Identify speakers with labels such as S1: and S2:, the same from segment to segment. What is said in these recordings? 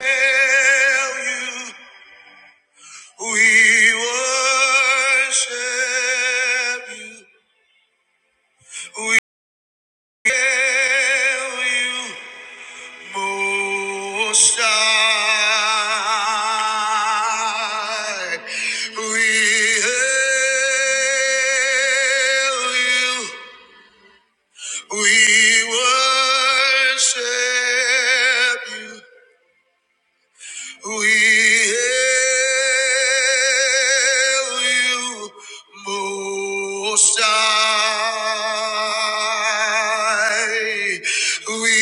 S1: tell you we worship you. We tell you most high. We hail you. We worship you. We hail you, Most High. We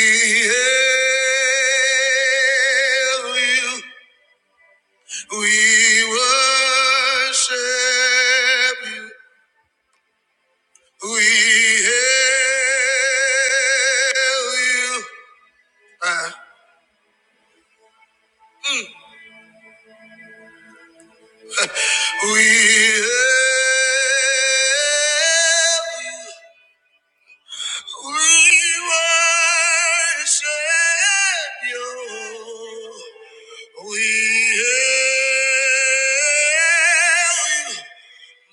S1: hail you. We worship you. We hail you. Uh, we hail you. We worship you. We hail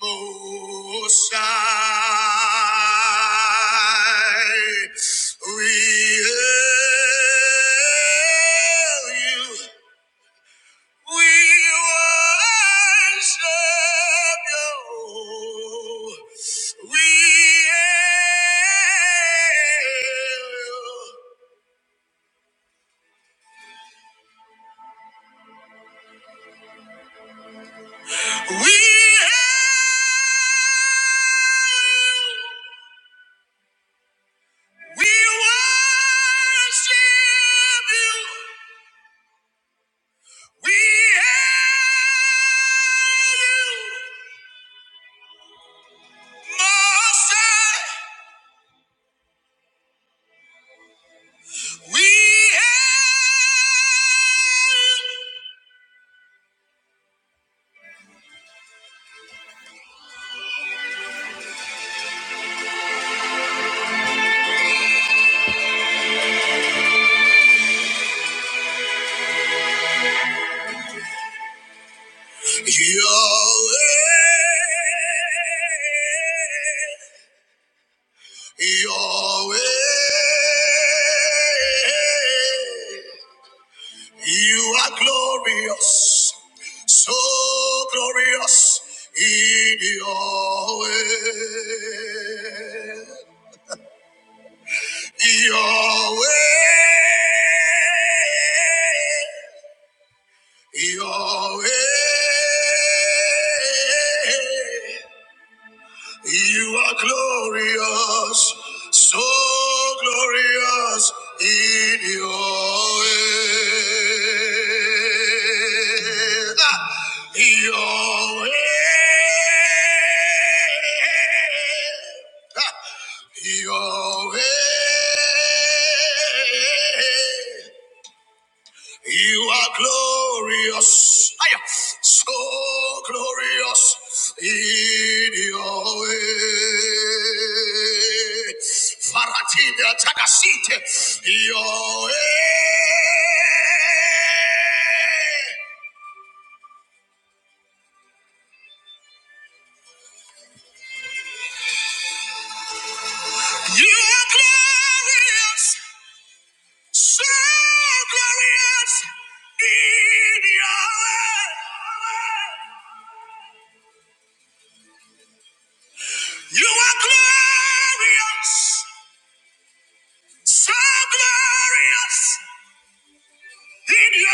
S1: you, Most High. We hail you. We worship you. We hail. We hail. We worship you. We hail you. Most High. We hail. Yahweh, Yahweh, you are glorious, so glorious in your way. Your way, your way. You are glorious, so glorious in your way. Ah, Your way. Ah, Your way. You are glorious. Hiya. So glorious in your way. Faratina takasite your way. You are glorious. So glorious in your way. You are glorious. So glorious in your way.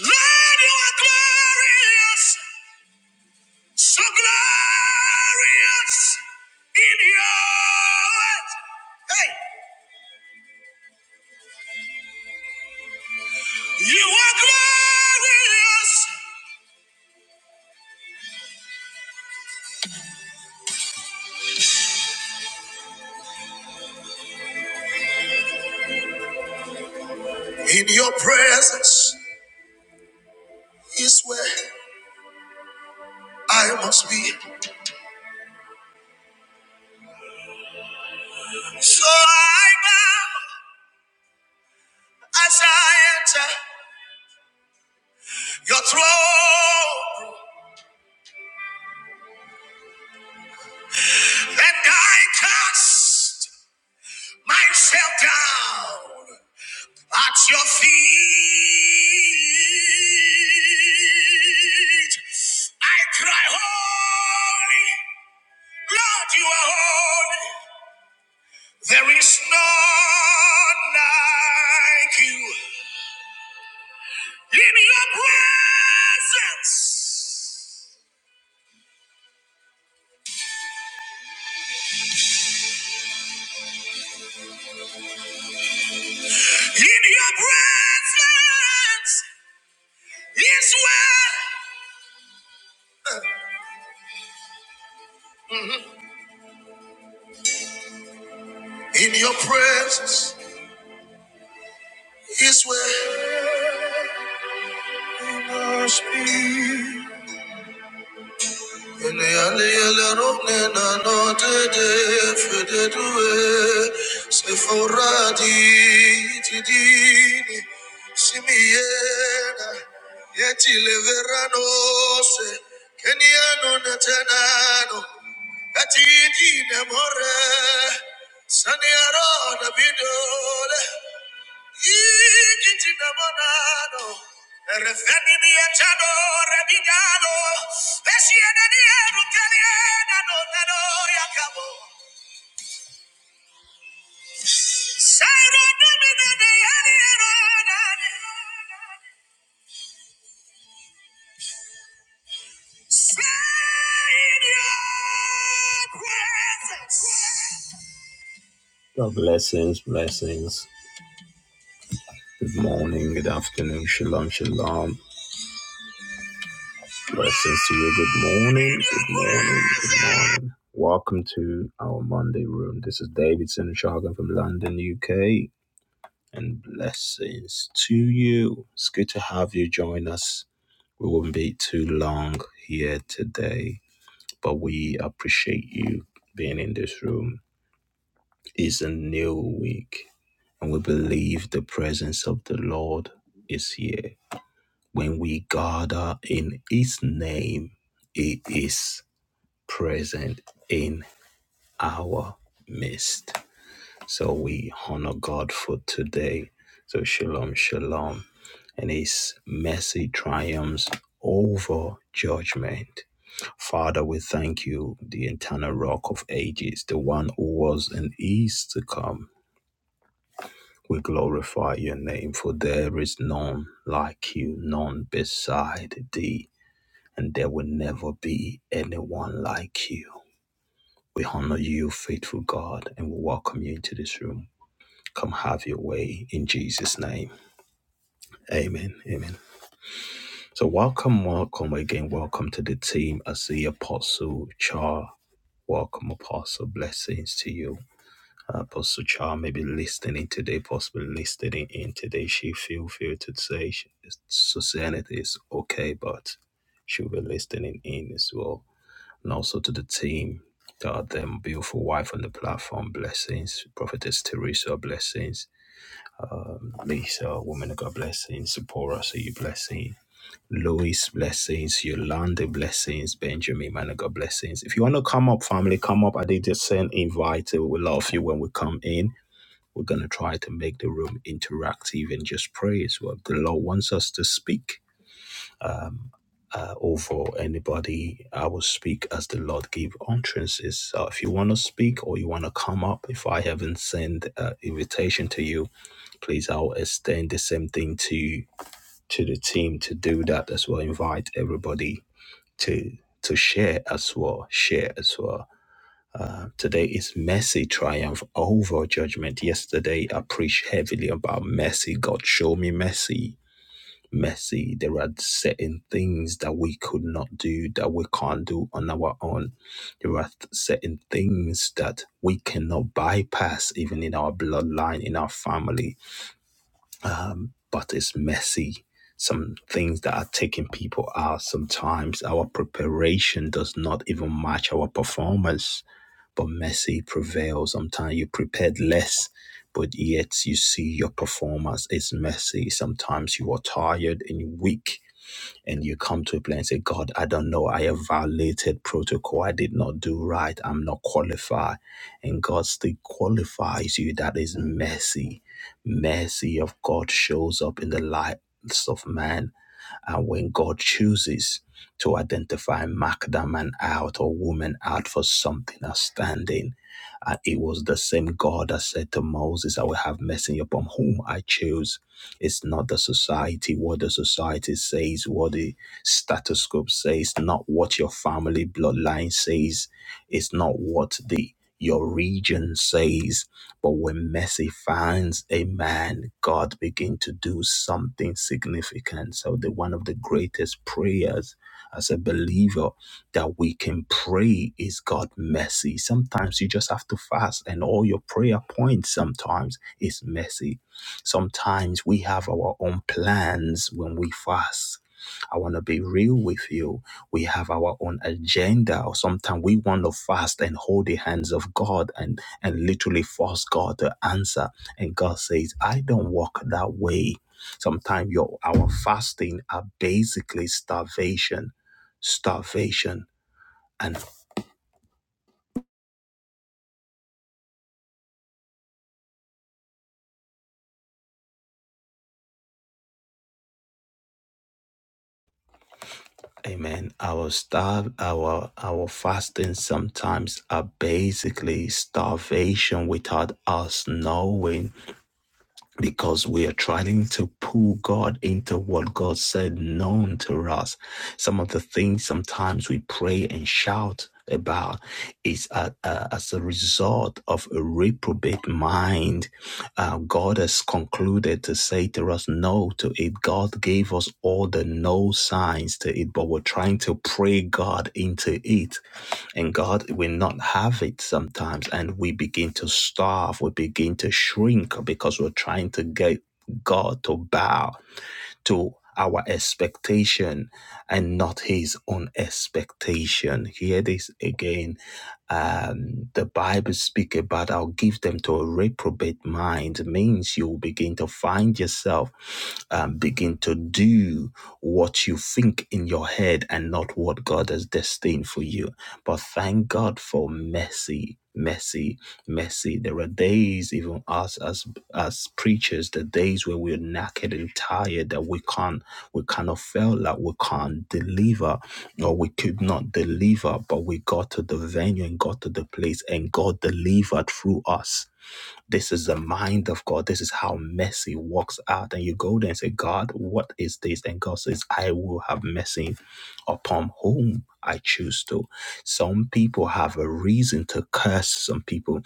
S1: Lord, you are glorious. So glorious in your way. Hey, you are glorious in your presence is where I must be. So I bow as I enter your throne and I cast myself down. At your feet, I cry, Holy, Lord, you are holy. There is none like you. In your presence, in your presence is where, in your presence is where you must be. Saniaro da bidole, no God blessings, blessings. Good morning, good afternoon, shalom, shalom. Blessings to you. Good morning. Good morning. Good morning. Welcome to our Monday room. This is David Sinishagan from London, UK. And blessings to you. It's good to have you join us. We won't be too long here today, but we appreciate you being in this room. It's a new week, and we believe the presence of the Lord is here. When we gather in His name, it is. present in our midst. So we honor God for today. So shalom, shalom. And his mercy triumphs over judgment. Father, we thank you, the eternal rock of ages, the one who was and is to come. We glorify your name, for there is none like you, none beside thee, and there will never be anyone like you. We honor you, faithful God, and we welcome you into this room. Come have your way in Jesus' name. Amen. Amen. So, welcome, welcome again. Welcome to the team. I see Apostle Char. Welcome, Apostle. Blessings to you. Uh, Apostle Char may be listening today, possibly listening in today. She feel free to say she- Susanna is okay, but she'll be listening in as well. and also to the team, uh, their beautiful wife on the platform, blessings, Prophetess Teresa, blessings, um, Lisa, woman of God, blessings, Sephora, so you, blessing. Louis, blessings, Yolanda, blessings, Benjamin, man of God, blessings. If you want to come up, family, come up. I did just send invite. We will love you when we come in. We're going to try to make the room interactive and just pray as well. The Lord wants us to speak um, uh, or for anybody. I will speak as the Lord give entrances. So if you want to speak or you want to come up, if I haven't sent an invitation to you, please I'll extend the same thing to to the team to do that as well. Invite everybody to to share as well. Share as well. Uh, today is mercy triumph over judgment. Yesterday I preached heavily about mercy. God show me mercy messy. There are certain things that we could not do that we can't do on our own. There are th- certain things that we cannot bypass, even in our bloodline, in our family. Um, but it's messy. Some things that are taking people out sometimes. Our preparation does not even match our performance, but messy prevails. Sometimes you prepared less but yet you see your performance is messy. Sometimes you are tired and weak and you come to a place and say, God, I don't know. I have violated protocol. I did not do right. I'm not qualified. And God still qualifies you. That is mercy. Mercy of God shows up in the lives of man. And when God chooses to identify, mark that man out or woman out for something outstanding, uh, it was the same God that said to Moses, I will have mercy upon whom I choose it's not the society, what the society says, what the status quo says, not what your family bloodline says. It's not what the your region says. But when Messi finds a man, God begin to do something significant. So the one of the greatest prayers as a believer that we can pray is God mercy. Sometimes you just have to fast, and all your prayer points sometimes is mercy. Sometimes we have our own plans when we fast. I want to be real with you. We have our own agenda, or sometimes we want to fast and hold the hands of God and, and literally force God to answer. And God says, I don't walk that way. Sometimes your our fasting are basically starvation, starvation. and. Amen. Our starve, our our fasting sometimes are basically starvation without us knowing because we are trying to pull God into what God said known to us. Some of the things sometimes we pray and shout about is uh, uh, as a result of a reprobate mind. Uh, God has concluded to say to us no to it. God gave us all the no signs to it, but we're trying to pray God into it and God will not have it sometimes. And we begin to starve, we begin to shrink because we're trying to get God to bow to our expectation and not his own expectation. Hear this again. Um, the Bible speak about I'll give them to a reprobate mind It means you will begin to find yourself um, begin to do what you think in your head and not what God has destined for you. But thank God for mercy, mercy, mercy. There are days, even us as as preachers, the days where we're knackered and tired that we can't, we kind of felt like we can't deliver or we could not deliver, but we got to the venue and got to the place and God delivered through us. This is the mind of God. This is how mercy works out. And you go there and say, God, what is this? And God says, I will have mercy upon whom I choose to. Some people have a reason to curse some people.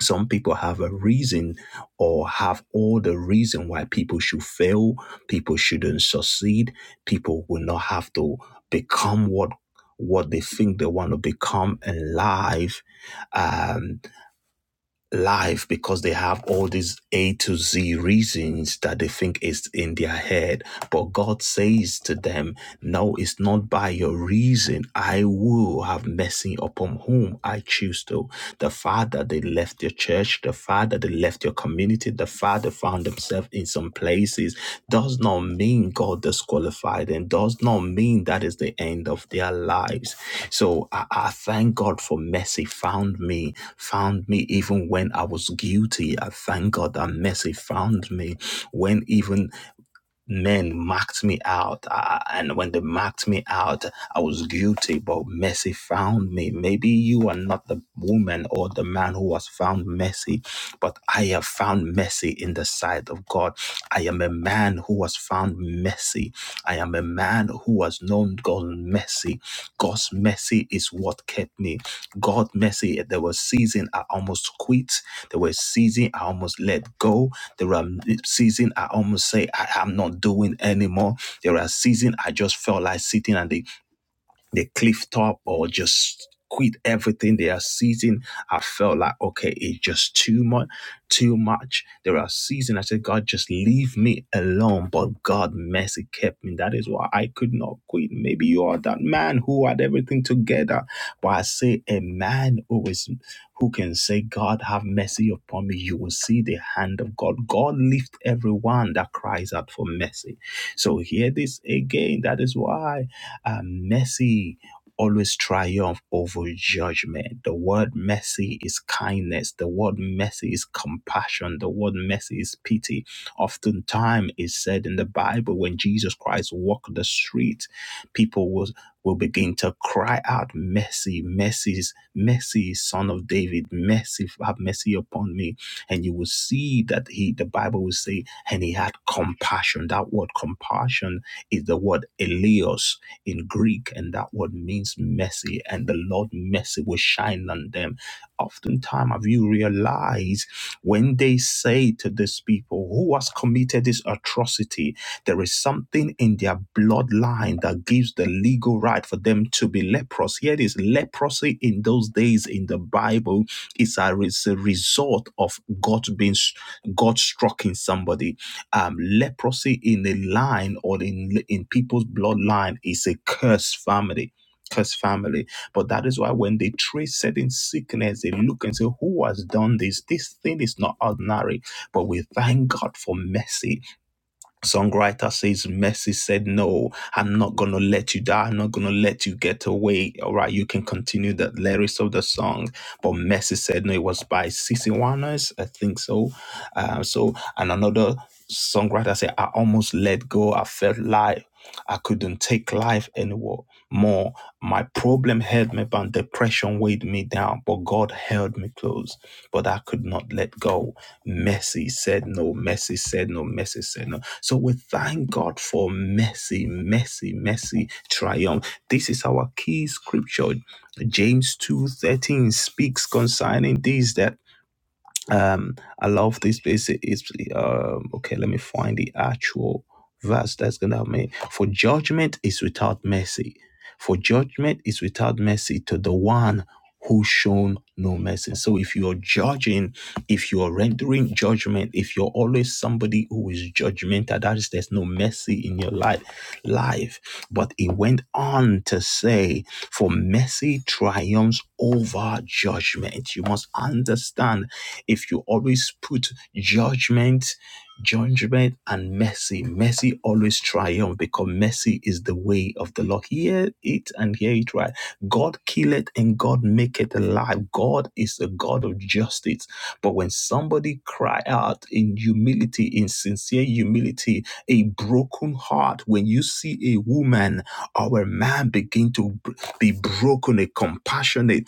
S1: Some people have a reason or have all the reason why people should fail, people shouldn't succeed, people will not have to become what what they think they want to become in life Um, life because they have all these A to Z reasons that they think is in their head. But God says to them, no, it's not by your reason. I will have mercy upon whom I choose to. The father they left your church, the father they left your community, the father found themselves in some places does not mean God disqualified them, does not mean that is the end of their lives. So I, I thank God for mercy found me, found me even when I was guilty. I thank God that mercy found me when even men mocked me out. I, and when they mocked me out, I was guilty, but mercy found me. Maybe you are not the woman or the man who was found mercy, but I have found mercy in the sight of God. I am a man who was found mercy. I am a man who has known God's mercy. God's mercy is what kept me. God's mercy, there was a season I almost quit. There were seasons I almost let go. There were seasons I almost say I am not doing anymore. There are seasons I just felt like sitting and they cliff top or just quit everything they are seizing. I felt like okay, it's just too much, too much. There are seasons I said, God, just leave me alone. But God mercy kept me. That is why I could not quit. Maybe you are that man who had everything together. But I say a man who is who can say, God have mercy upon me. You will see the hand of God. God lift everyone that cries out for mercy. So hear this again. That is why. Uh, mercy always triumph over judgment. The word mercy is kindness. The word mercy is compassion. The word mercy is pity. Oftentimes is said in the Bible when Jesus Christ walked the street, people will, will begin to cry out, Mercy, mercy, mercy, son of David, mercy, have mercy upon me. And you will see that he the Bible will say, and he had compassion. That word compassion is the word Elios in Greek, and that word means mercy, and the Lord mercy will shine on them. Oftentimes, have you realized when they say to these people who has committed this atrocity, there is something in their bloodline that gives the legal right for them to be leprous. Here it is leprosy in those days in the Bible is a, is a result of God being God struck in somebody um, leprosy in the line or in in people's bloodline is a cursed family cursed family but that is why when they trace certain sickness they look and say who has done this this thing is not ordinary but we thank god for mercy Songwriter says, Mercy said, No, I'm not going to let you die. I'm not going to let you get away. All right, you can continue the lyrics of the song. But Mercy said, No, it was by Cece Warners, I think so. Um, so, and another songwriter said, I almost let go. I felt life. I couldn't take life anymore. More, my problem held me bound. Depression weighed me down, but God held me close. But I could not let go. Mercy said no. Mercy said no. Mercy said no. So we thank God for mercy, mercy, mercy, triumph. This is our key scripture. James 2:13 speaks concerning this that um i love this place it's um okay let me find the actual verse that's gonna help me for judgment is without mercy for judgment is without mercy to the one who shown no mercy so if you're judging if you're rendering judgment if you're always somebody who is judgmental that is there's no mercy in your life life but it went on to say for mercy triumphs over judgment you must understand if you always put judgment, judgment, and mercy, mercy always triumph because mercy is the way of the Lord. Hear it and hear it right. God killeth and God maketh alive. God is a God of justice. But when somebody cry out in humility, in sincere humility, a broken heart, when you see a woman, our man begin to b- be broken, a compassionate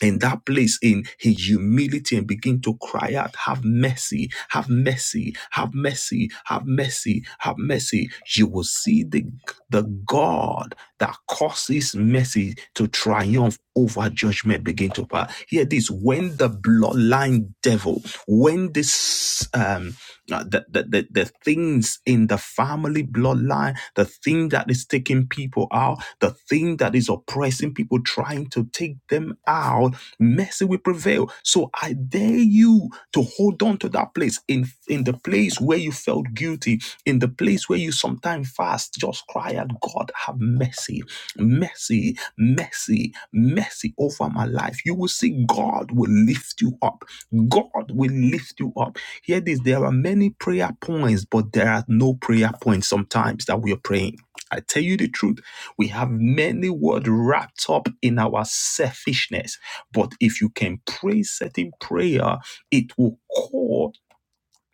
S1: in that place in his humility and begin to cry out, Have mercy, have mercy, have mercy, have mercy, have mercy. You will see the, the God that causes mercy to triumph over judgment begin to pass. Hear this when the bloodline devil, when this um uh, the, the, the, the things in the family bloodline, the thing that is taking people out, the thing that is oppressing people, trying to take them out, mercy will prevail. So I dare you to hold on to that place in, in the place where you felt guilty, in the place where you sometimes fast, just cry out, God, have mercy, mercy, mercy, mercy over my life. You will see God will lift you up. God will lift you up. Hear this there are many prayer points, but there are no prayer points sometimes that we are praying. I tell you the truth, we have many words wrapped up in our selfishness. But if you can pray certain prayer, it will call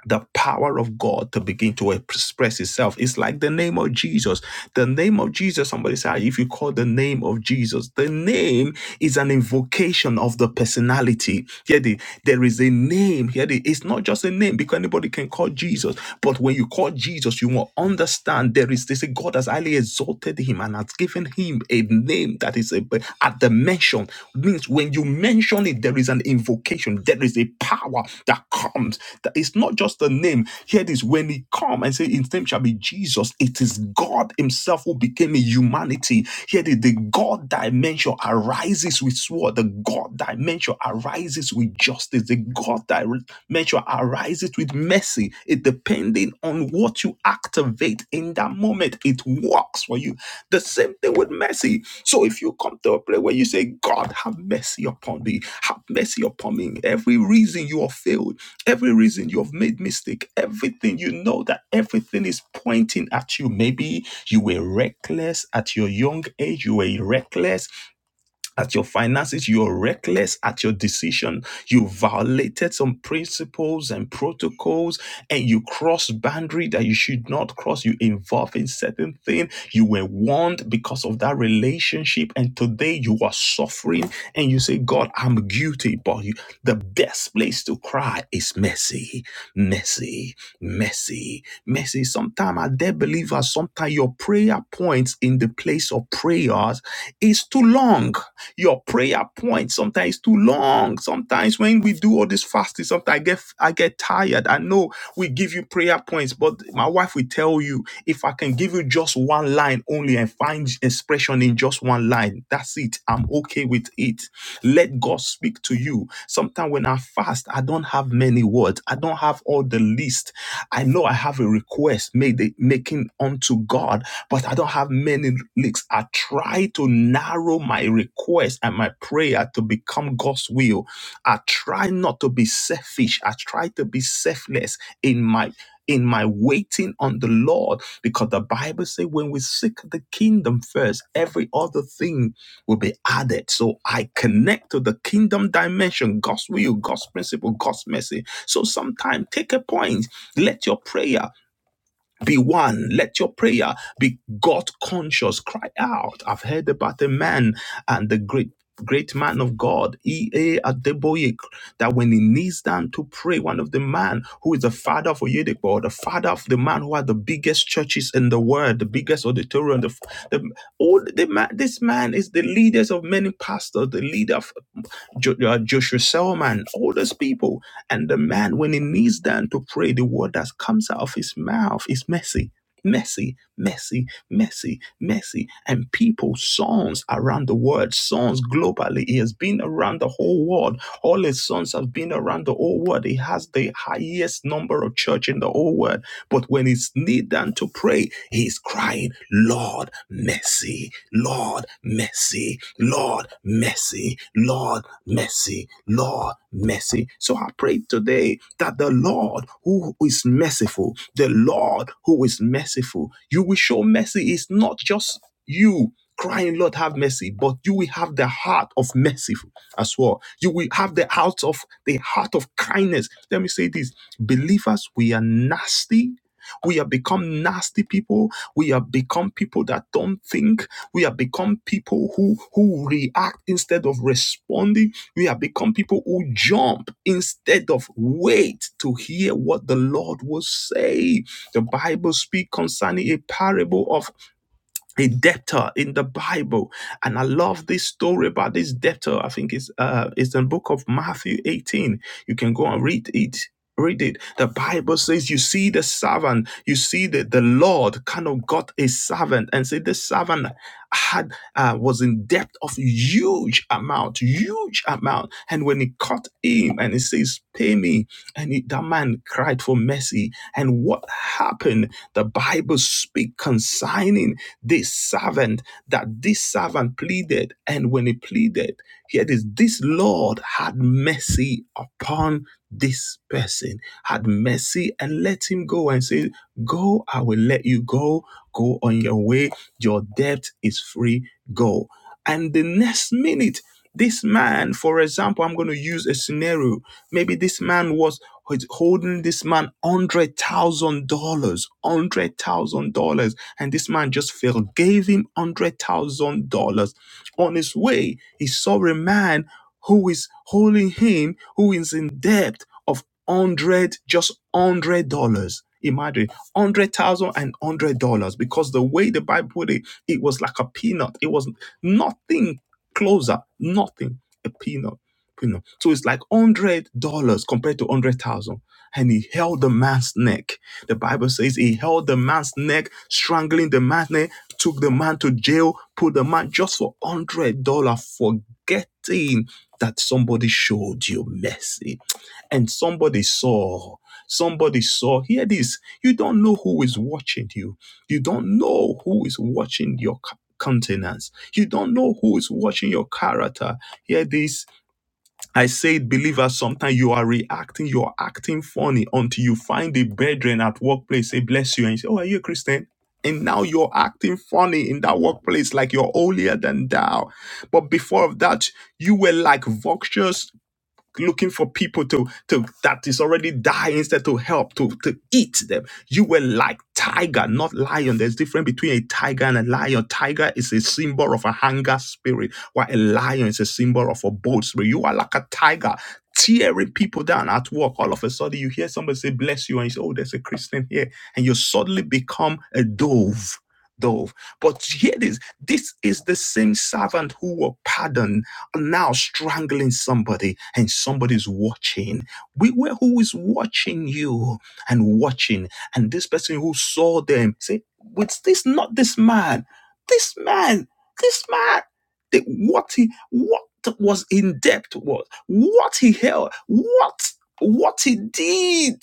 S1: the power of God to begin to express itself. It's like the name of Jesus. The name of Jesus, somebody said, if you call the name of Jesus, the name is an invocation of the personality. Hear the, there is a name. Hear the, it's not just a name because anybody can call Jesus. But when you call Jesus, you will understand there is this God has highly exalted him and has given him a name that is a, at the mention. Means when you mention it, there is an invocation. There is a power that comes. That it's not just a name. Here it is when he come and say his name shall be Jesus. It is God himself who became a humanity. Here it is, the God dimension arises with sword. The God dimension arises with justice. The God dimension arises with mercy. It depending on what you activate in that moment, it works for you. The same thing with mercy. So if you come to a place where you say, God, have mercy upon me, have mercy upon me. Every reason you are failed every reason you have made mistake everything you know that everything is pointing at you maybe you were reckless at your young age you were reckless at your finances, you are reckless at your decision. You violated some principles and protocols, and you crossed boundary that you should not cross. You involved in certain thing. You were warned because of that relationship, and today you are suffering. And you say, "God, I'm guilty." But you, the best place to cry is mercy, mercy, mercy mercy. Mercy. Sometimes, our dear believers, sometimes your prayer points in the place of prayers is too long. Your prayer point sometimes is too long. Sometimes when we do all this fasting, sometimes I get I get tired. I know we give you prayer points, but my wife will tell you if I can give you just one line only and find expression in just one line, that's it. I'm okay with it. Let God speak to you. Sometimes when I fast, I don't have many words. I don't have all the list I know I have a request made making unto God, but I don't have many leaks. I try to narrow my request and my prayer to become God's will. I try not to be selfish. I try to be selfless in my in my waiting on the Lord, because the Bible says when we seek the kingdom first, every other thing will be added. So I connect to the kingdom dimension, God's will, God's principle, God's mercy. So sometimes take a point let your prayer be one. Let your prayer be God conscious. Cry out. I've heard about a man and the great great man of God, E.A. Adeboye, that when he kneels down to pray, one of the man who is the father of Oyedepo, or the father of the man who had the biggest churches in the world, the biggest auditorium, the, the all the man, this man is the leaders of many pastors, the leader of. Jo- uh, Joshua Selman, all those people. And the man, when he kneels down to pray, the word that comes out of his mouth is messy, messy, messy, messy, messy. And people, sons around the world, sons globally. He has been around the whole world. All his sons have been around the whole world. He has the highest number of church in the whole world. But when he's kneeled down to pray, he's crying, Lord, mercy, Lord, mercy, Lord, mercy, Lord, mercy, Lord, mercy. So I pray today that the Lord who is merciful, the Lord who is merciful, you will show mercy. It's not just you crying, Lord, have mercy, but you will have the heart of mercy as well. You will have the heart of the heart of kindness. Let me say this: believers, we are nasty. We have become nasty people. We have become people that don't think. We have become people who who react instead of responding we have become people who jump instead of wait to hear what the Lord will say. The Bible speaks concerning a parable of a debtor in the Bible. And I love this story about this debtor. I think it's uh it's in the book of Matthew 18. You can go and read it. Read it. The Bible says you see the servant, you see that the Lord kind of got a servant and said the servant had uh, was in debt of huge amount, huge amount. And when he caught him and he says, Pay me, and he, that man cried for mercy. And what happened? The Bible speak concerning this servant, that this servant pleaded. And when he pleaded, here it is, this Lord had mercy upon this person, had mercy and let him go and say, Go, I will let you go. Go on your way. Your debt is free. Go. And the next minute, this man, for example, I'm going to use a scenario. Maybe this man was holding this man $100,000, $100,000. And this man just fell, gave him $100,000. On his way, he saw a man who is holding him, who is in debt of 100, just $100. Imagine hundred thousand and hundred dollars because the way the Bible put it, it was like a peanut. It was nothing closer, nothing a peanut. peanut. So it's like hundred dollars compared to hundred thousand. And he held the man's neck. The Bible says he held the man's neck, strangling the man's neck, took the man to jail, put the man just for one hundred dollar, forgetting that somebody showed you mercy. And somebody saw. Somebody saw. Hear this. You don't know who is watching you. You don't know who is watching your countenance. You don't know who is watching your character. Hear this I said, believers, sometimes you are reacting, you are acting funny until you find the brethren at workplace say, bless you, and you say, oh, are you a Christian? And now you're acting funny in that workplace like you're holier than thou. But before of that, you were like vultures looking for people to to that is already die instead to help to to eat them you were like tiger not lion there's difference between a tiger and a lion tiger is a symbol of a hunger spirit while a lion is a symbol of a bold spirit you are like a tiger tearing people down at work all of a sudden you hear somebody say bless you and you say oh there's a christian here and you suddenly become a dove dove but hear this this is the same servant who will pardon now strangling somebody and somebody's watching we were who is watching you and watching and this person who saw them say with this not this man this man this man the, what he what was in depth was what he held what what he did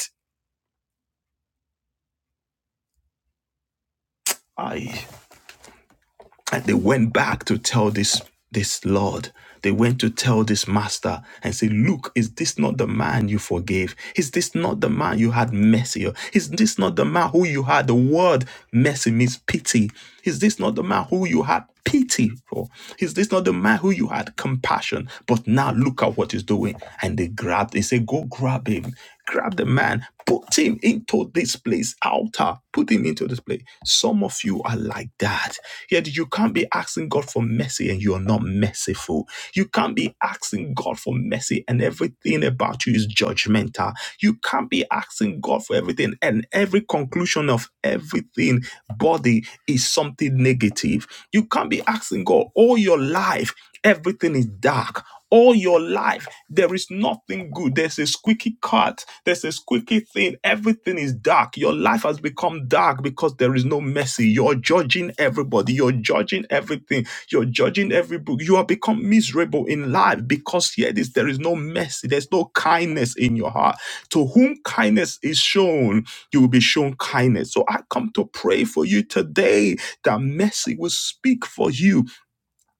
S1: And they went back to tell this this Lord. They went to tell this master and say, Look, is this not the man you forgave? Is this not the man you had mercy? on? Is this not the man who you had the word mercy means pity? Is this not the man who you had pity for? Is this not the man who you had compassion? But now look at what he's doing. And they grabbed, they say, Go grab him. Grab the man, put him into this place, altar, put him into this place. Some of you are like that. Yet you can't be asking God for mercy and you are not merciful. You can't be asking God for mercy and everything about you is judgmental. You can't be asking God for everything and every conclusion of everything body is something negative. You can't be asking God all your life. Everything is dark all your life. There is nothing good. There's a squeaky cut. There's a squeaky thing. Everything is dark. Your life has become dark because there is no mercy. You're judging everybody. You're judging everything. You're judging every book. You have become miserable in life because here it is. There is no mercy. There's no kindness in your heart. To whom kindness is shown, you will be shown kindness. So I come to pray for you today that mercy will speak for you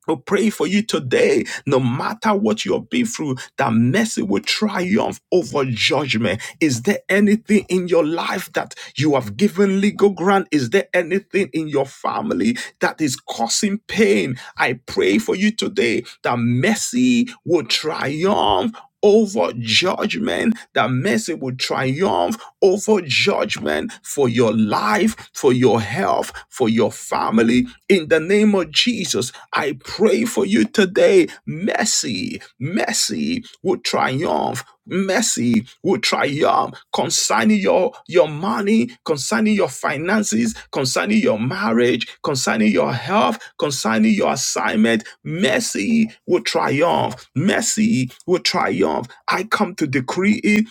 S1: we pray for you today, no matter what you have been through, that mercy will triumph over judgment. Is there anything in your life that you have given legal grant? Is there anything in your family that is causing pain? I pray for you today that mercy will triumph. Over judgment, that mercy will triumph over judgment for your life, for your health, for your family. In the name of Jesus, I pray for you today. Mercy, mercy will triumph. Mercy will triumph concerning your, your money, concerning your finances, concerning your marriage, concerning your health, concerning your assignment. Mercy will triumph. Mercy will triumph. I come to decree it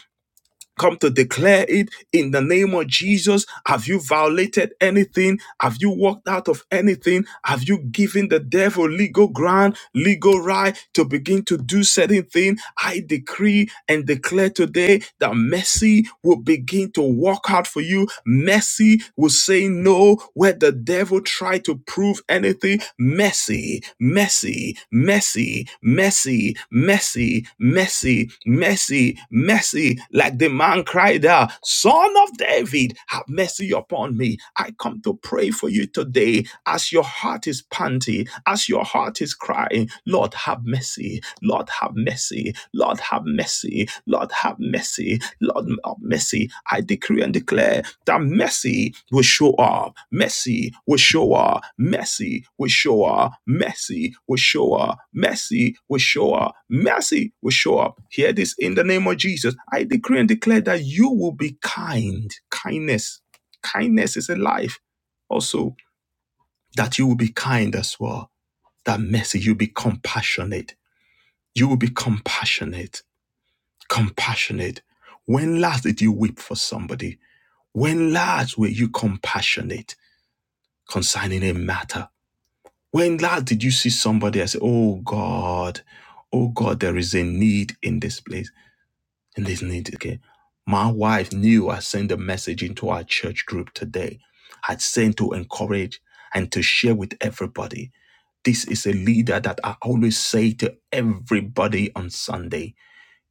S1: come to declare it in the name of Jesus. Have you violated anything? Have you walked out of anything? Have you given the devil legal ground, legal right to begin to do certain thing? I decree and declare today that mercy will begin to walk out for you. Mercy will say no where the devil tried try to prove anything messy, messy, messy, messy, messy, messy, messy, messy. Like the man cried out, Son of David, have mercy upon me. I come to pray for you today as your heart is panting, as your heart is crying. Lord, have mercy. Lord, have mercy. Lord have mercy, Lord have mercy, Lord have mercy. I decree and declare that mercy will show up, mercy will show up, mercy will show up, mercy will show up, mercy will show up, mercy will show up. Hear this in the name of Jesus. I decree and declare that you will be kind. Kindness, kindness is a life. Also, that you will be kind as well. That mercy, you'll be compassionate. You will be compassionate compassionate. When last did you weep for somebody? When last were you compassionate concerning a matter? When last did you see somebody and say, Oh God, oh God, there is a need in this place, in this need? Okay. My wife knew I sent a message into our church group today. I'd sent to encourage and to share with everybody. This is a leader that I always say to everybody on Sunday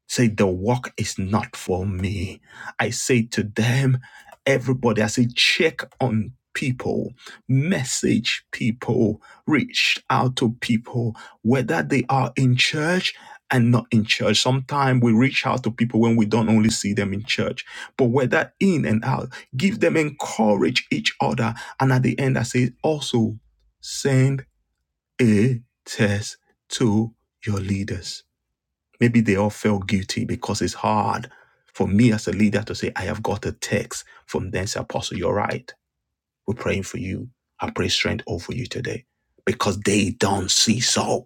S1: Say, the work is not for me. I say to them, everybody, I say, check on people, message people, reach out to people, whether they are in church and not in church. Sometimes we reach out to people when we don't only see them in church, but whether in and out, give them, encourage each other. And at the end, I say, also send a test to your leaders Maybe they all felt guilty because it's hard for me as a leader to say, I have got a text from this apostle. You're right. We're praying for you. I pray strength over you today because they don't see so.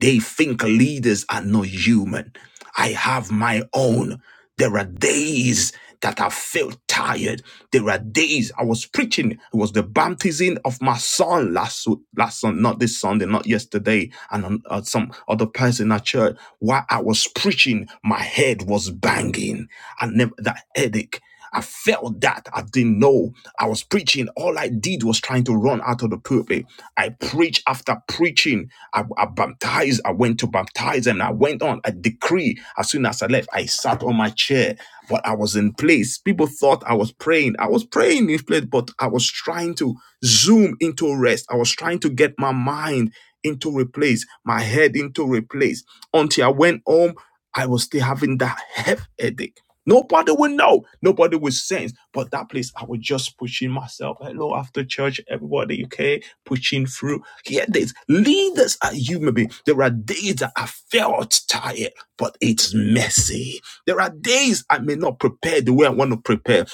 S1: They think leaders are not human. I have my own. There are days that I felt tired. There are days I was preaching. It was the baptism of my son last last Sun- not this Sunday, not yesterday, and on- uh, some other person at church. While I was preaching, my head was banging. I never that headache. I felt that I didn't know I was preaching. All I did was trying to run out of the pulpit. I preached after preaching. I, I baptized. I went to baptize and I went on. I decree. As soon as I left, I sat on my chair, but I was in place. People thought I was praying. I was praying in place, but I was trying to zoom into rest. I was trying to get my mind into a place, my head into a place until I went home. I was still having that heavy headache Nobody will know. Nobody will sense. But that place, I was just pushing myself. Hello, after church, everybody, okay? Pushing through. Hear this. Leaders are human beings. There are days that I felt tired, but it's messy. There are days I may not prepare the way I want to prepare.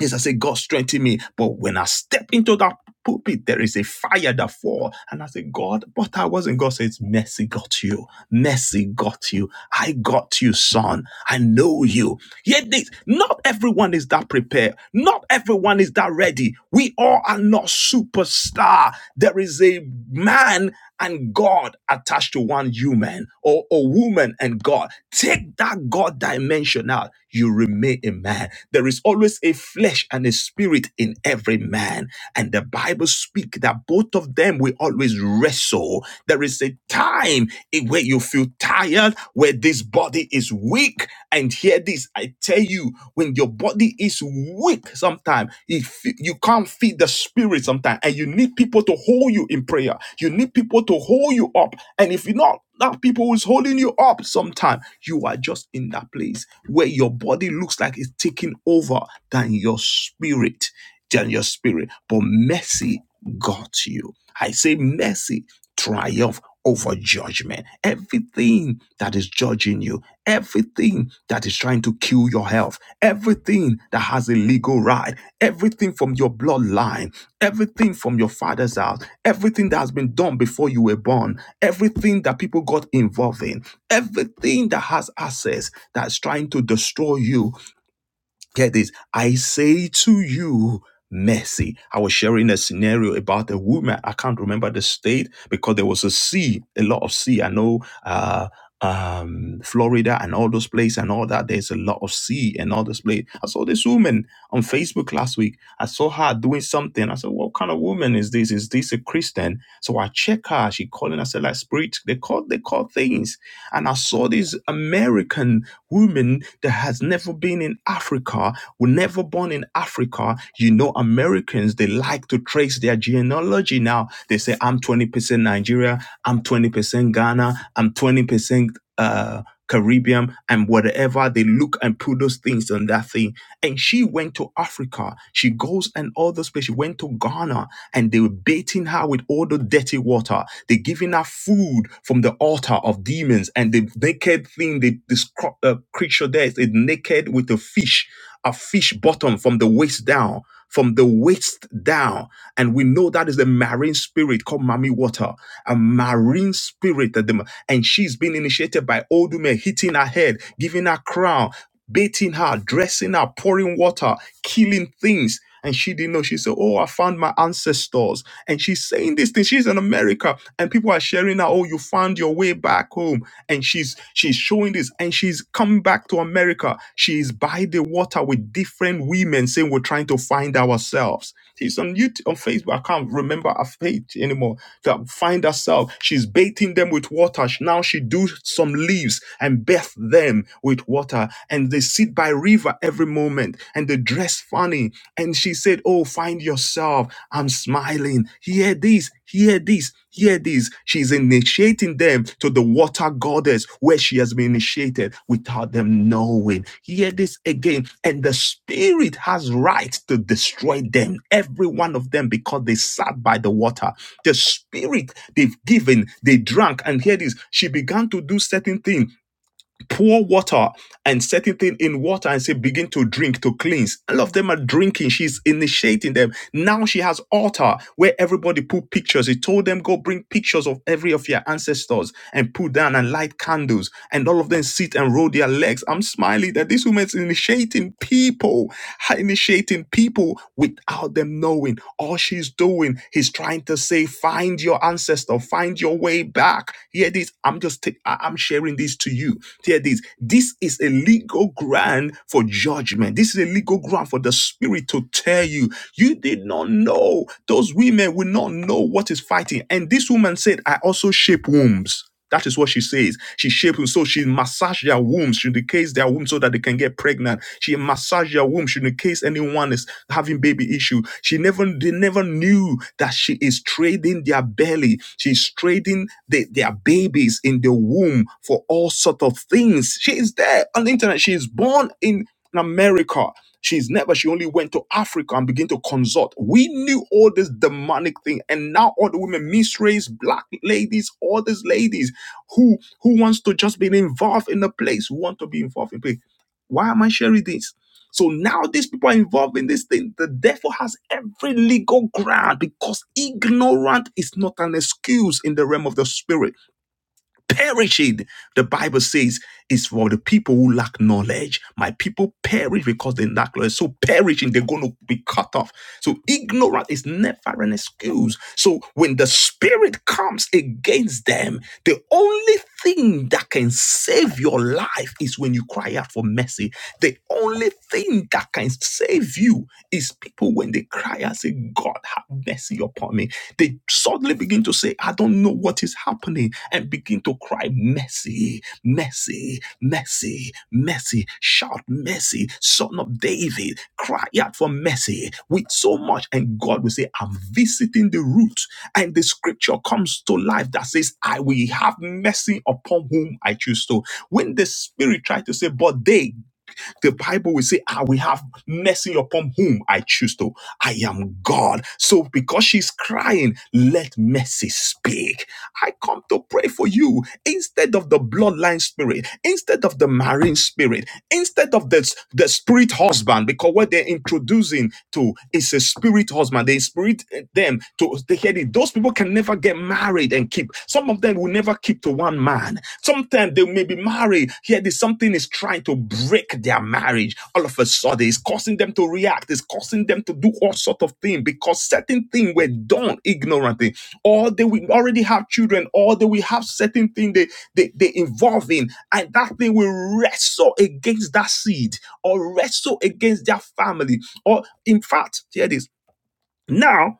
S1: Yes, I say, God strengthen me. But when I step into that pulpit, there is a fire that fall. And I say, God, but I wasn't. God says, mercy got you. Mercy got you. I got you, son. I know you. Yet this, not everyone is that prepared. Not everyone is that ready. We all are not superstar. There is a man and God attached to one human or a woman and God. Take that God dimension out. You remain a man. There is always a flesh and a spirit in every man. And the Bible speak that both of them will always wrestle. There is a time in where you feel tired, where this body is weak, and hear this, I tell you, when your body is weak sometimes, if you can't feed the spirit sometimes, and you need people to hold you in prayer, you need people to hold you up. And if you're not that people who's holding you up sometime, you are just in that place where your body looks like it's taking over than your spirit, than your spirit. But mercy got you. I say mercy triumph over judgment. Everything that is judging you Everything that is trying to kill your health, everything that has a legal right, everything from your bloodline, everything from your father's house, everything that has been done before you were born, everything that people got involved in, everything that has access that's trying to destroy you Get this. I say to you, mercy. I was sharing a scenario about a woman. I can't remember the state because there was a sea, a lot of sea. I know uh um Florida and all those places and all that. There's a lot of sea and all this place. I saw this woman on Facebook last week. I saw her doing something. I said, What kind of woman is this? Is this a Christian? So I check her. She calling herself like spirit. They call they call things. And I saw this American women that has never been in Africa, were never born in Africa. You know, Americans, they like to trace their genealogy now. They say, I'm 20% Nigeria, I'm 20% Ghana, I'm 20% uh, Caribbean, and whatever. They look and put those things on that thing and she went to Africa. She goes and all those places. She went to Ghana and they were baiting her with all the dirty water. They're giving her food from the altar of demons. And the naked thing, the, this cro- uh, creature there is naked with a fish a fish bottom from the waist down, from the waist down. And we know that is the marine spirit called Mami Water, a marine spirit. That the, and she's been initiated by Odume, hitting her head, giving her crown, bathing her, dressing her, pouring water, killing things. And she didn't know. She said, Oh, I found my ancestors. And she's saying this thing. She's in America. And people are sharing now, oh, you found your way back home. And she's she's showing this. And she's coming back to America. She's by the water with different women saying we're trying to find ourselves. She's on YouTube, on Facebook. I can't remember her page anymore. That find herself. She's bathing them with water. She- Now she do some leaves and bath them with water. And they sit by river every moment. And they dress funny. And she said, "Oh, find yourself. I'm smiling. Hear this. Hear this." Hear this. She's initiating them to the water goddess where she has been initiated without them knowing. Hear this again. And the spirit has right to destroy them, every one of them, because they sat by the water. The spirit they've given, they drank. And hear this. She began to do certain things pour water and set it in, in water and say begin to drink to cleanse all of them are drinking she's initiating them now she has altar where everybody put pictures he told them go bring pictures of every of your ancestors and put down and light candles and all of them sit and roll their legs i'm smiling that this woman's initiating people initiating people with without them knowing. All she's doing is trying to say, find your ancestor, find your way back. Hear this. I'm just, t- i I'm sharing this to you. Hear this. This is a legal ground for judgment. This is a legal ground for the spirit to tell you, you did not know. Those women will not know what is fighting. And this woman said, I also shape wombs. That is what she says. She shaped them so she massaged their wombs, she indicates their womb so that they can get pregnant. She massaged their womb, she indicates anyone is having baby issue. She never they never knew that she is trading their belly. She's trading the- their babies in the womb for all sort of things. She is there on the internet. She is born in America. She's never, she only went to Africa and began to consult. We knew all this demonic thing. And now all the women, misrace, black ladies, all these ladies who who wants to just be involved in the place, who want to be involved in the place. Why am I sharing this? So now these people are involved in this thing. The devil has every legal ground because ignorant is not an excuse in the realm of the spirit perishing. The Bible says is for the people who lack knowledge. My people perish because they lack knowledge. So perishing, they're going to be cut off. So ignorance is never an excuse. So when the spirit comes against them, the only thing that can save your life is when you cry out for mercy. The only thing that can save you is people when they cry and say, God, have mercy upon me. They suddenly begin to say, I don't know what is happening, and begin to cry, Mercy, mercy, mercy, mercy. Shout, mercy, son of David. Cry out for mercy with so much. And God will say, I'm visiting the root. And the scripture comes to life that says, I will have mercy upon whom I choose to. When the spirit tried to say, But they the Bible will say, I will have mercy upon whom I choose to. I am God. So because she's crying, let mercy speak. I come to pray for you instead of the bloodline spirit, instead of the marine spirit, instead of the, the spirit husband because what they're introducing to is a spirit husband they spirit them to they hear it those people can never get married and keep some of them will never keep to one man sometimes they may be married here this something is trying to break their marriage all of a sudden it's causing them to react it's causing them to do all sort of things because certain things were done ignorantly or they will already have children or they will have certain things they they, they involve in and that thing will wrestle against that seed or wrestle against their family. Or, in fact, here it is. Now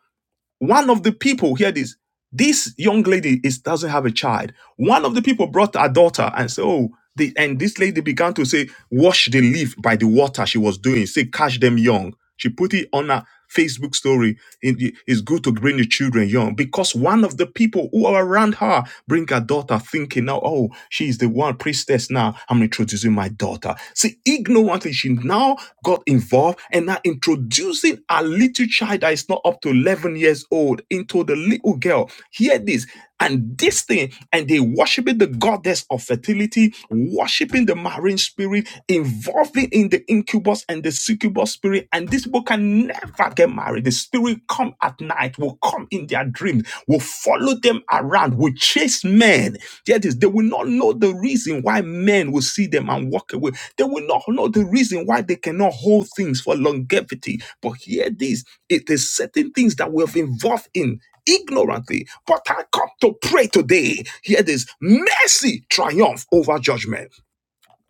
S1: one of the people, hear this, this young lady is doesn't have a child. One of the people brought her daughter and said, Oh, the, and this lady began to say, wash the leaf by the water she was doing, say, catch them young. She put it on her Facebook story. It- it- it's good to bring the children young because one of the people who are around her bring her daughter thinking now, oh, she's the one priestess now. I'm introducing introducing my daughter. See, ignorantly, she now got involved and now introducing a little child that is not up to 11 years old into the little girl. Hear this. And this thing, and they worshiping the goddess of fertility, worshiping the marine spirit, involving in the incubus and the succubus spirit. And these people can never get married. The spirit come at at night, will come in their dreams, will follow them around, will chase men. There it is. They will not know the reason why men will see them and walk away. They will not know the reason why they cannot hold things for longevity. But hear this it is certain things that we have involved in ignorantly. But I come to pray today. Hear this mercy triumph over judgment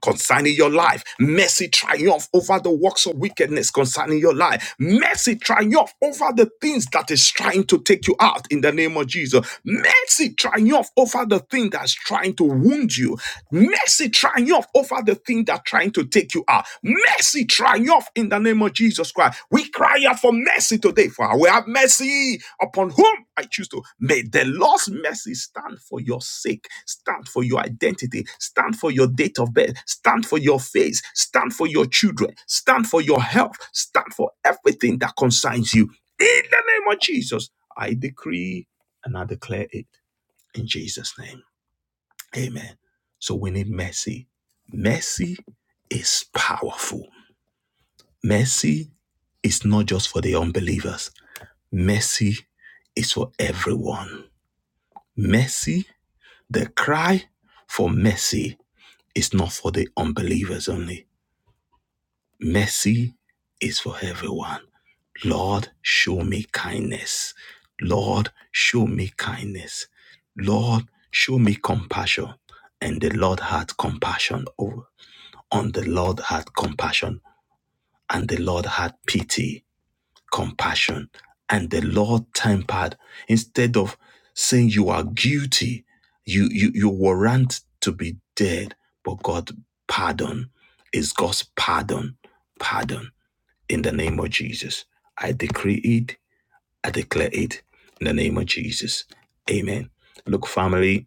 S1: concerning your life. Mercy triumph over the works of wickedness concerning your life. Mercy triumph over the things that is trying to take you out in the name of Jesus. Mercy triumph over the thing that's trying to wound you. Mercy triumph over the thing that's trying to take you out. Mercy triumph off in the name of Jesus Christ. We cry out for mercy today, for I will have mercy upon whom I choose to. May the Lord's mercy stand for your sake, stand for your identity, stand for your date of birth, stand for your face, stand for your children, stand for your health, stand for everything that concerns you. In the name of Jesus, I decree and I declare it in Jesus' name. Amen. So we need mercy. Mercy is powerful Mercy is not just for the unbelievers, mercy is for everyone. Mercy, the cry for mercy is not for the unbelievers only. Mercy is for everyone. Lord, show me kindness. Lord, show me kindness. Lord, show me compassion. And the Lord had compassion over. On the Lord had compassion, and the Lord had pity compassion. And the Lord tempered instead of saying you are guilty, you you you warrant to be dead, but God pardon is God's pardon, pardon in the name of Jesus. I decree it, I declare it in the name of Jesus. Amen. Look, family,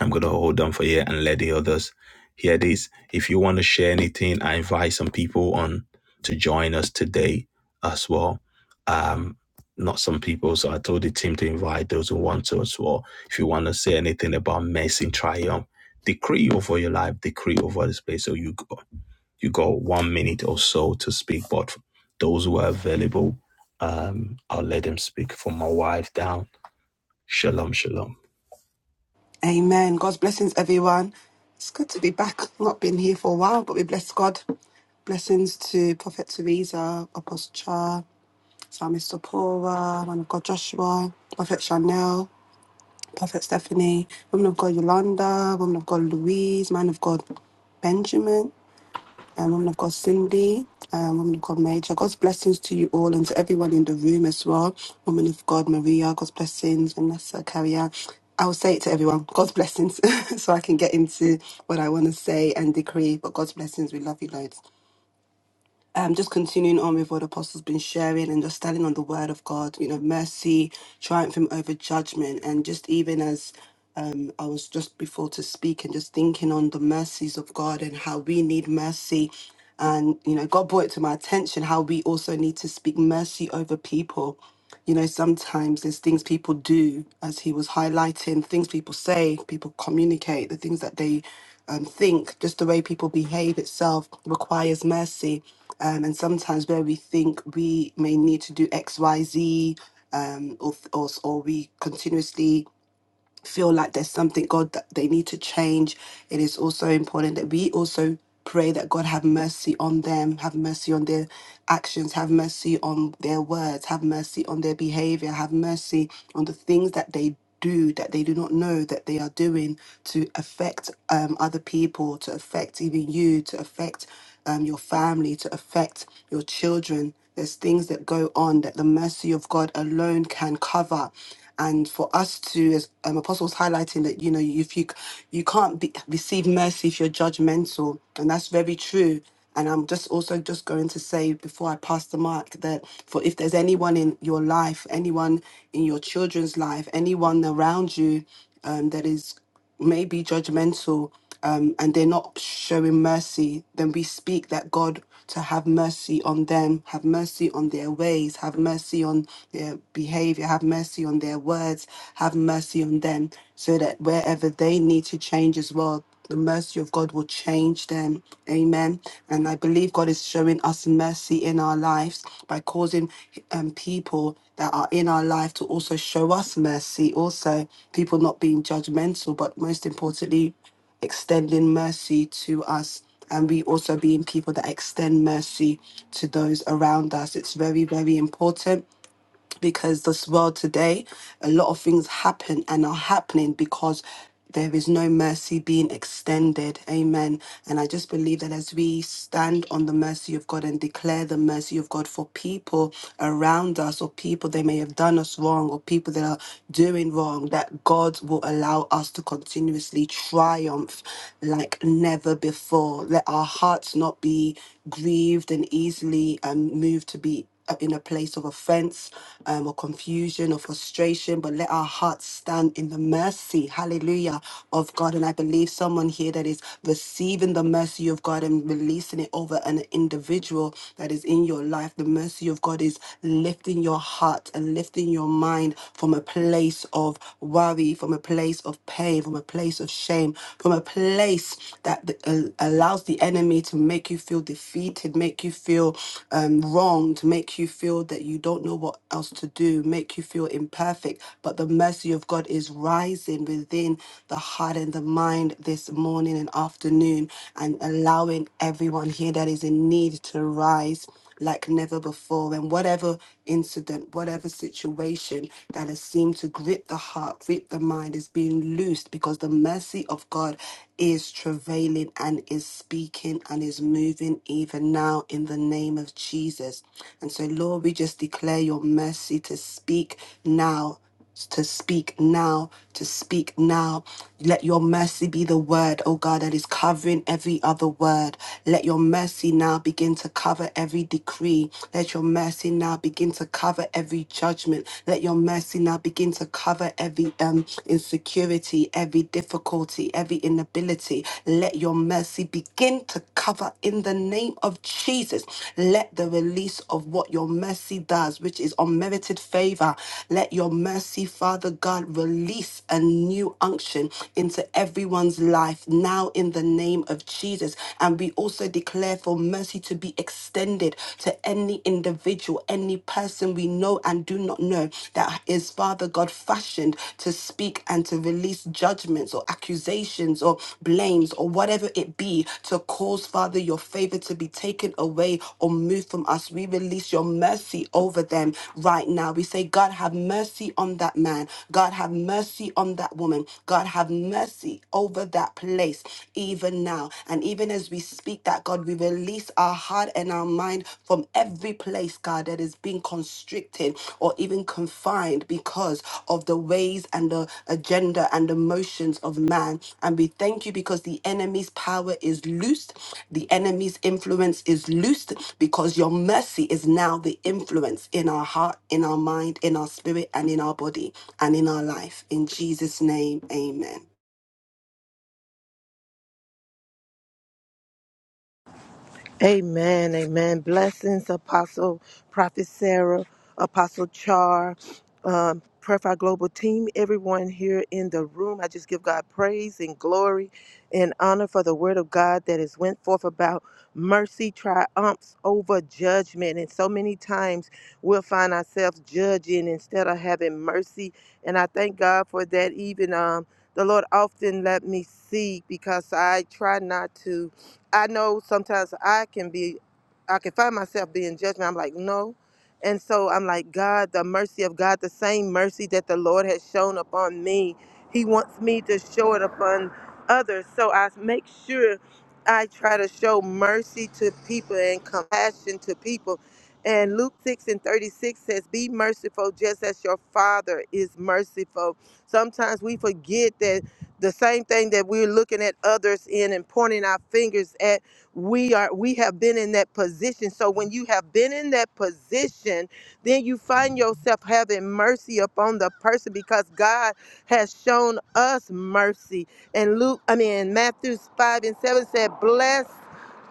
S1: I'm going to hold on for here and let the others hear this. If you want to share anything, I invite some people on to join us today as well. Um, not some people, so I told the team to invite those who want to as well. If you want to say anything about messing triumph, decree over your life, decree over this place. So you go, you go one minute or so to speak, but those who are available, um, I'll let them speak from my wife down. Shalom, shalom.
S2: Amen. God's blessings, everyone. It's good to be back. Not been here for a while, but we bless God. Blessings to Prophet Teresa, Apostle Char, Psalmist Sapora, Man of God Joshua, Prophet Chanel, Prophet Stephanie, Woman of God Yolanda, Woman of God Louise, Man of God Benjamin. Um, woman of God, Cindy, um, woman of God, Major. God's blessings to you all and to everyone in the room as well. Woman of God, Maria, God's blessings, Vanessa, Carrier. I will say it to everyone, God's blessings, so I can get into what I want to say and decree. But God's blessings, we love you loads um, just continuing on with what the apostle's been sharing and just standing on the word of God, you know, mercy, triumphing over judgment. And just even as um, I was just before to speak and just thinking on the mercies of God and how we need mercy. And, you know, God brought it to my attention how we also need to speak mercy over people you know, sometimes there's things people do, as he was highlighting, things people say, people communicate, the things that they um, think, just the way people behave itself requires mercy. Um, and sometimes where we think we may need to do X, Y, Z, um, or, or, or we continuously feel like there's something God that they need to change, it is also important that we also pray that God have mercy on them, have mercy on their actions, have mercy on their words, have mercy on their behavior, have mercy on the things that they do that they do not know that they are doing to affect um, other people, to affect even you, to affect um, your family, to affect your children. There's things that go on that the mercy of God alone can cover and for us to as um, apostles highlighting that you know if you you can't be, receive mercy if you're judgmental and that's very true and i'm just also just going to say before i pass the mic that for if there's anyone in your life anyone in your children's life anyone around you um, that is may be judgmental um, and they're not showing mercy, then we speak that God to have mercy on them, have mercy on their ways, have mercy on their behavior, have mercy on their words, have mercy on them, so that wherever they need to change as well, the mercy of God will change them. Amen. And I believe God is showing us mercy in our lives by causing um, people that are in our life to also show us mercy. Also, people not being judgmental, but most importantly, extending mercy to us. And we also being people that extend mercy to those around us. It's very, very important because this world today, a lot of things happen and are happening because there is no mercy being extended. Amen. And I just believe that as we stand on the mercy of God and declare the mercy of God for people around us or people they may have done us wrong or people that are doing wrong, that God will allow us to continuously triumph like never before. Let our hearts not be grieved and easily um, moved to be uh, in a place of offense um, or confusion or frustration, but let our hearts stand in the mercy, hallelujah, of God. And I believe someone here that is receiving the mercy of God and releasing it over an individual that is in your life. The mercy of God is lifting your heart and lifting your mind from a place of worry, from a place of pain, from a place of shame, from a place that uh, allows the enemy enemy to make you feel defeated, make you feel um, wronged, make you feel that you don't know what else to do, make you feel imperfect. But the mercy of God is rising within the heart and the mind this morning and afternoon and allowing everyone here that is in need to rise like never before. And whatever incident, whatever situation that has seemed to grip the heart, grip the mind, is being loosed because the mercy of God is travailing and is speaking and is moving even now in the name of Jesus. And so, Lord, we just declare your mercy to speak now to speak now, to speak now. Let your mercy be the word, oh God, that is covering every other word. Let your mercy now begin to cover every decree. Let your mercy now begin to cover every judgment. Let your mercy now begin to cover every um, insecurity, every difficulty, every inability. Let your mercy begin to cover in the name name of Jesus, let the release of what your mercy does, which is unmerited favor, let your mercy, Father God, release a new unction into everyone's life now in the name of Jesus. And we also declare for mercy to be extended to any individual, any person we know and do not know that is, Father God, fashioned to speak speak and to release judgments or accusations or blames or whatever it be to cause, Father, your favor to be taken away or moved from us. We release your mercy over them right now. We say, God, have mercy on that man. God, have mercy on that woman. God, have mercy over that place, even now. And even as we speak that, God, we release our heart and our mind mind from every place, God, that is being constricted or even confined because of the ways and the agenda and the motions of man. And we thank you because the enemy's power is loosed, the enemy's influence is loosed because your mercy is now the influence in our heart, in our mind, in our spirit, and in our body and in our life. In Jesus' name, amen.
S3: Amen. Amen. Blessings, Apostle, Prophet Sarah, Apostle Char, um, Prayer Fire Global Team, everyone here in the room. I just give God praise and glory and honor for the word of God that has went forth about mercy triumphs over judgment. And so many times we'll find ourselves judging instead of having mercy. And I thank God for that. Even um, the Lord often let me see because I try not to. I know sometimes I can be, I can find myself being judgment. I'm like, no. And so I'm like, God, the mercy of God, the same mercy that the Lord has shown upon me, He wants me to show it upon others. So I make sure I try to show mercy to people and compassion to people. And Luke 6 and 36 says, Be merciful just as your Father is merciful. Sometimes we forget that the same thing that we're looking at others in and pointing our fingers at we are we have been in that position so when you have been in that position then you find yourself having mercy upon the person because god has shown us mercy and luke i mean matthew 5 and 7 said blessed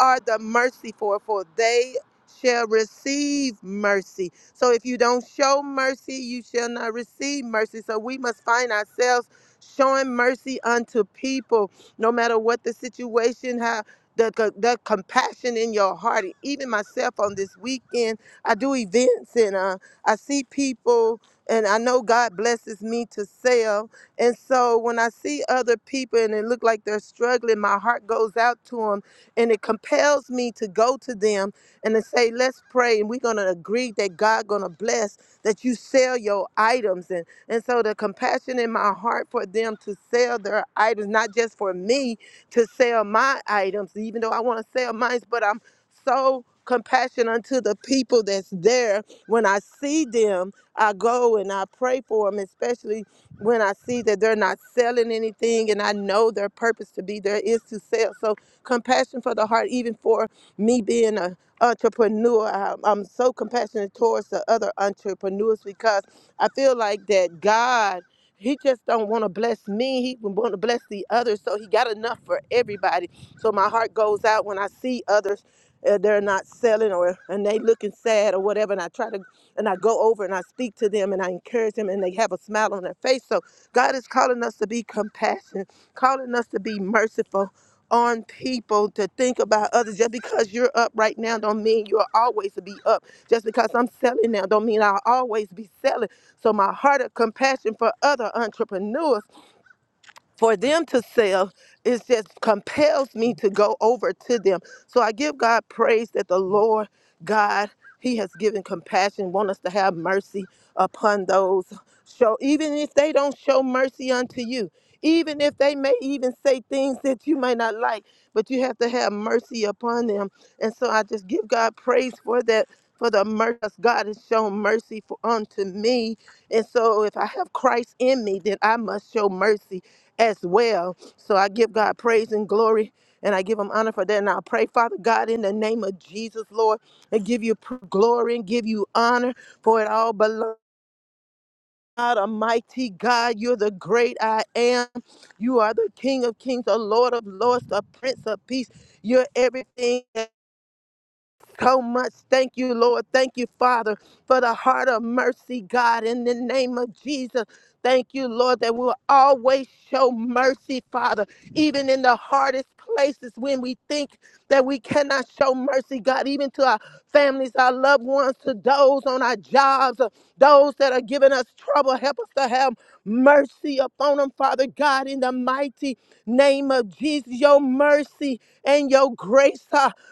S3: are the merciful for they shall receive mercy so if you don't show mercy you shall not receive mercy so we must find ourselves showing mercy unto people, no matter what the situation, how the, co- the compassion in your heart. Even myself on this weekend, I do events and uh, I see people, and I know God blesses me to sell. And so when I see other people and it look like they're struggling, my heart goes out to them and it compels me to go to them and to say, let's pray. And we're going to agree that God going to bless that you sell your items. And so the compassion in my heart for them to sell their items, not just for me to sell my items, even though I want to sell mine, but I'm so compassionate unto the people that's there. When I see them, I go and I pray for them, especially when I see that they're not selling anything and I know their purpose to be there is to sell. So compassion for the heart, even for me being a entrepreneur, I- I'm so compassionate towards the other entrepreneurs because I feel like that God, he just don't want to bless me. He want to bless the others. So he got enough for everybody. So my heart goes out when I see others uh, they're not selling or and they looking sad or whatever and i try to and i go over and i speak to them and i encourage them and they have a smile on their face so god is calling us to be compassionate calling us to be merciful on people to think about others just because you're up right now don't mean you'll always be up just because i'm selling now don't mean i'll always be selling so my heart of compassion for other entrepreneurs for them to sell it just compels me to go over to them so i give god praise that the lord god he has given compassion want us to have mercy upon those so even if they don't show mercy unto you even if they may even say things that you may not like but you have to have mercy upon them and so i just give god praise for that for the mercy god has shown mercy for unto me and so if i have christ in me then i must show mercy as well. So I give God praise and glory and I give him honor for that. And I pray, Father God, in the name of Jesus, Lord, and give you pr- glory and give you honor for it all belongs. God Almighty God, you're the great I am. You are the King of Kings, the Lord of Lords, the Prince of Peace. You're everything so much. Thank you, Lord. Thank you, Father, for the heart of mercy, God, in the name of Jesus. Thank you, Lord, that we'll always show mercy, Father, even in the hardest places when we think that we cannot show mercy, God, even to our families, our loved ones, to those on our jobs, uh, those that are giving us trouble. Help us to have mercy upon them, Father God, in the mighty name of Jesus. Your mercy and your grace.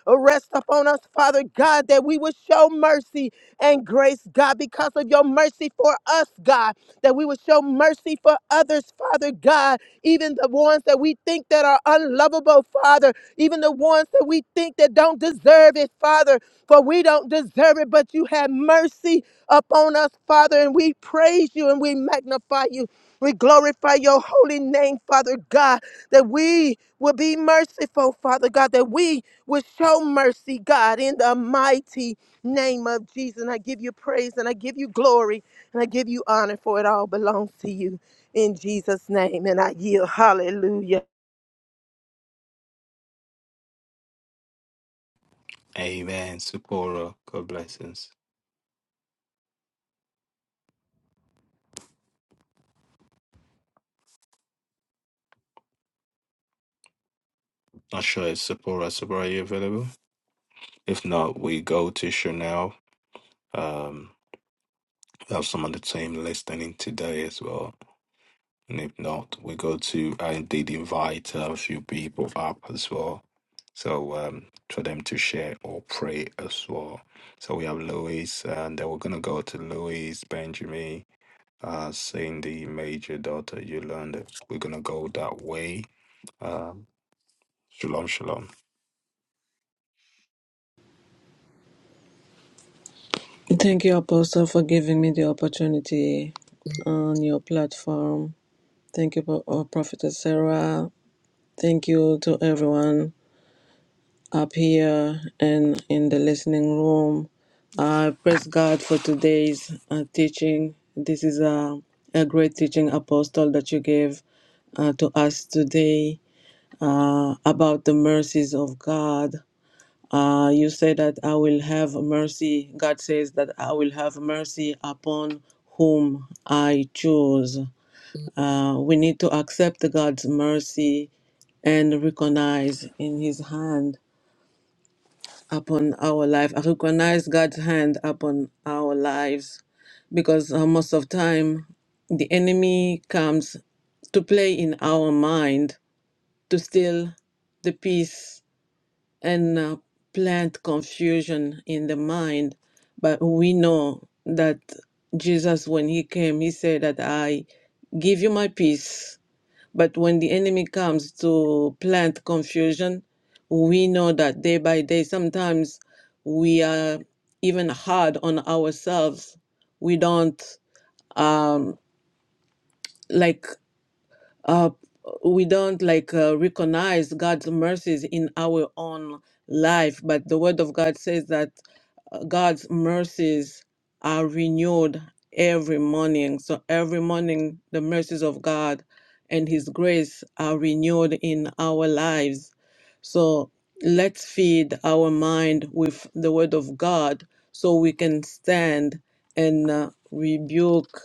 S3: Rest upon us, Father God, that we will show mercy and grace, God, because of your mercy for us, God, that we will show mercy for others, Father God, even the ones that we think that are unlovable, Father, even the ones that we think that don't deserve it, Father, for we don't deserve it, but you have mercy upon us, Father, and we praise you and we magnify you. We glorify your holy name, Father God, that we will be merciful, Father God, that we well, show mercy, God, in the mighty name of Jesus. And I give you praise and I give you glory and I give you honor for it all belongs to you in Jesus' name. And I yield. Hallelujah.
S1: Amen. Sephora, God blessings. Not sure if Sephora, Sephora, are you available? If not, we go to Chanel. Um, we have some on the team listening today as well. And if not, we go to, I did invite a few people up as well. So um, for them to share or pray as well. So we have Louise, and then we're going to go to Louise, Benjamin, uh, Cindy, Major, Daughter, Yolanda. We're going to go that way. Um, shalom, shalom.
S4: Thank you, Apostle, for giving me the opportunity on your platform. Thank you, Pro- uh, Prophetess Sarah. Thank you to everyone up here and in the listening room. I praise God for today's uh, teaching. This is a, a great teaching, Apostle, that you gave uh, to us today uh, about the mercies of God uh, you say that I will have mercy. God says that I will have mercy upon whom I choose. Uh, we need to accept God's mercy and recognize in His hand upon our life. I recognize God's hand upon our lives because uh, most of time the enemy comes to play in our mind to steal the peace and uh, plant confusion in the mind. But we know that Jesus, when he came, he said that I give you my peace. But when the enemy comes to plant confusion, we know that day by day, sometimes we are even hard on ourselves. We don't um, like uh, we don't like uh, recognize God's mercies in our own life, but the Word of God says that uh, God's mercies are renewed every morning. So every morning, the mercies of God and His grace are renewed in our lives. So let's feed our mind with the Word of God so we can stand and uh, rebuke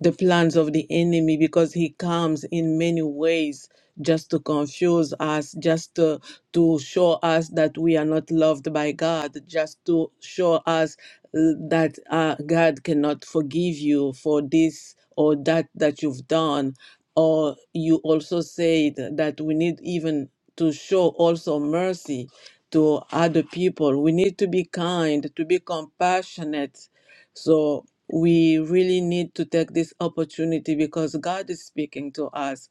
S4: the plans of the enemy because he comes in many ways just to confuse us just to, to show us that we are not loved by god just to show us uh, that uh, god cannot forgive you for this or that that you've done or you also said that we need even to show also mercy to other people we need to be kind to be compassionate so we really need to take this opportunity because God is speaking to us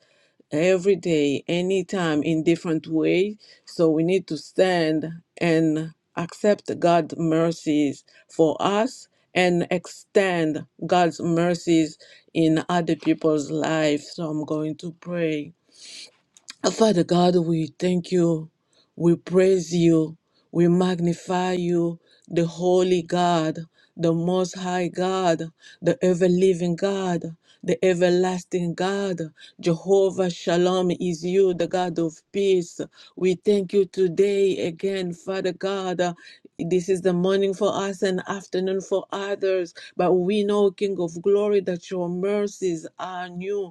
S4: every day, anytime, in different ways. So we need to stand and accept God's mercies for us and extend God's mercies in other people's lives. So I'm going to pray. Father God, we thank you, we praise you, we magnify you, the Holy God, the Most High God, the ever living God, the everlasting God. Jehovah Shalom is you, the God of peace. We thank you today again, Father God. This is the morning for us and afternoon for others. But we know, King of glory, that your mercies are new.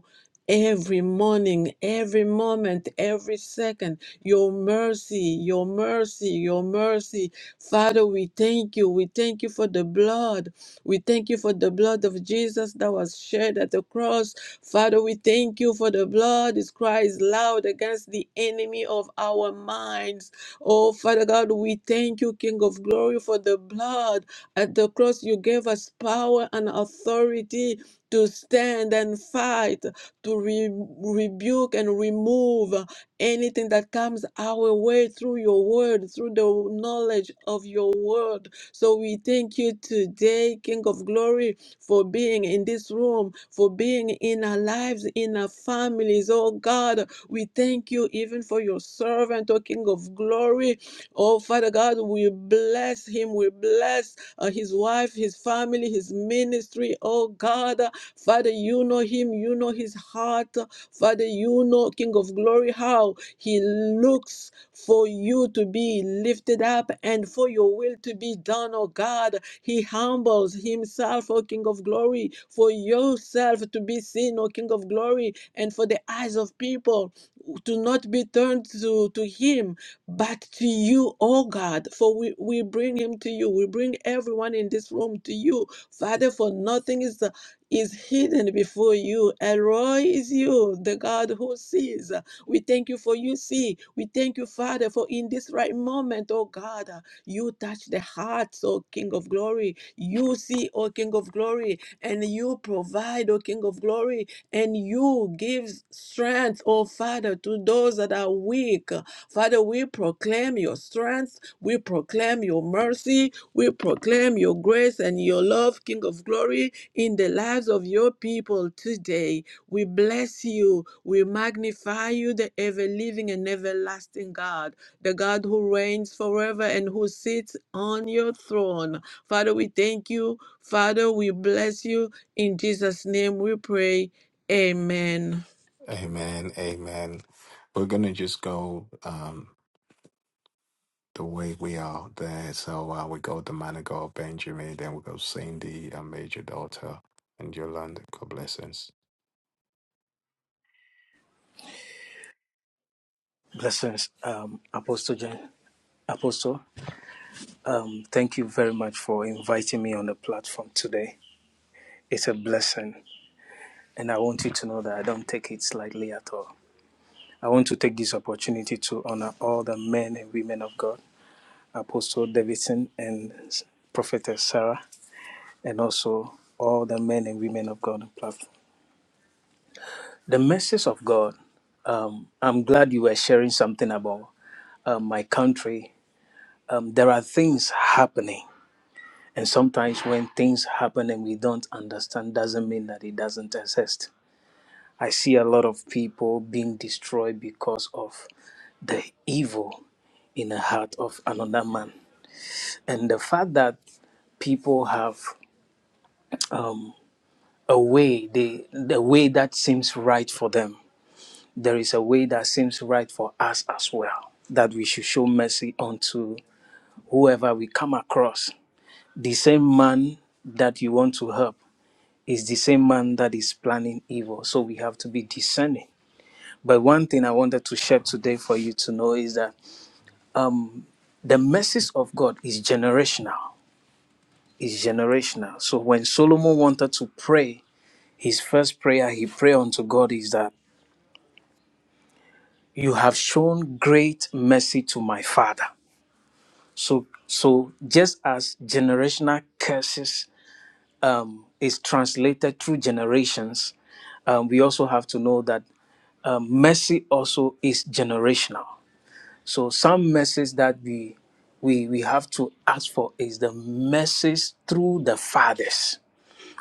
S4: Every morning, every moment, every second, your mercy, your mercy, your mercy. Father, we thank you. We thank you for the blood. We thank you for the blood of Jesus that was shed at the cross. Father, we thank you for the blood. It cries loud against the enemy of our minds. Oh, Father God, we thank you, King of glory, for the blood. At the cross, you gave us power and authority to stand and fight to re- rebuke and remove uh, anything that comes our way through your word, through the knowledge of your word. So we thank you today, King of Glory, for being in this room, for being in our lives, in our families. Oh God, we thank you even for your servant, oh King of Glory. Oh Father God, we bless him, we bless uh, his wife, his family, his ministry. Oh God, Father, you know him, you know his heart. Father, you know, King of glory, how he looks for you to be lifted up and for your will to be done, oh God. He humbles himself, oh King of glory, for yourself to be seen, oh King of glory, and for the eyes of people to not be turned to, to him, but to you, oh God. For we, we bring him to you. We bring everyone in this room to you, Father, for nothing is, is hidden before you. Elroy is you, the God who sees. We thank you for you see. We thank you, Father, for in this right moment, oh God, you touch the hearts, oh King of glory. You see, oh King of glory, and you provide, oh King of glory and you give strength, oh Father, to those that are weak. Father, we proclaim your strength, we proclaim your mercy, we proclaim your grace and your love, King of glory, in the lives of your people today. We bless you, we magnify you, the ever living and everlasting God, the God who reigns forever and who sits on your throne. Father, we thank you. Father, we bless you. In Jesus' name we pray. Amen.
S1: Amen, amen. We're going to just go. the way we are there. So uh, we got the man of God, Benjamin, then we got Cindy, our major daughter, and Yolanda. God blessings.
S5: Blessings, um, Apostle Jen. Apostle, um, thank you very much for inviting me on the platform today. It's a blessing, and I want you to know that I don't take it lightly at all. I want to take this opportunity to honor all the men and women of God, Apostle Davidson and Prophetess Sarah, and also all the men and women of God on the platform. The message of God, um, I'm glad you were sharing something about uh, my country. Um, there are things happening And sometimes when things happen and we don't understand, doesn't mean that it doesn't exist. I see a lot of people being destroyed because of the evil in the heart of another man. And the fact that people have a way, they, the way that seems right for them, there is a way that seems right for us as well, that we should show mercy unto whoever we come across. The same man that you want to help is the same man that is planning evil. So we have to be discerning. But one thing I wanted to share today for you to know is that the message of God is generational. Is generational. So when Solomon wanted to pray, his first prayer he prayed unto God is that you have shown great mercy to my father. So so just as generational curses um, is translated through generations, um, we also have to know that um, mercy also is generational. So some message that we we we have to ask for is the message through the fathers.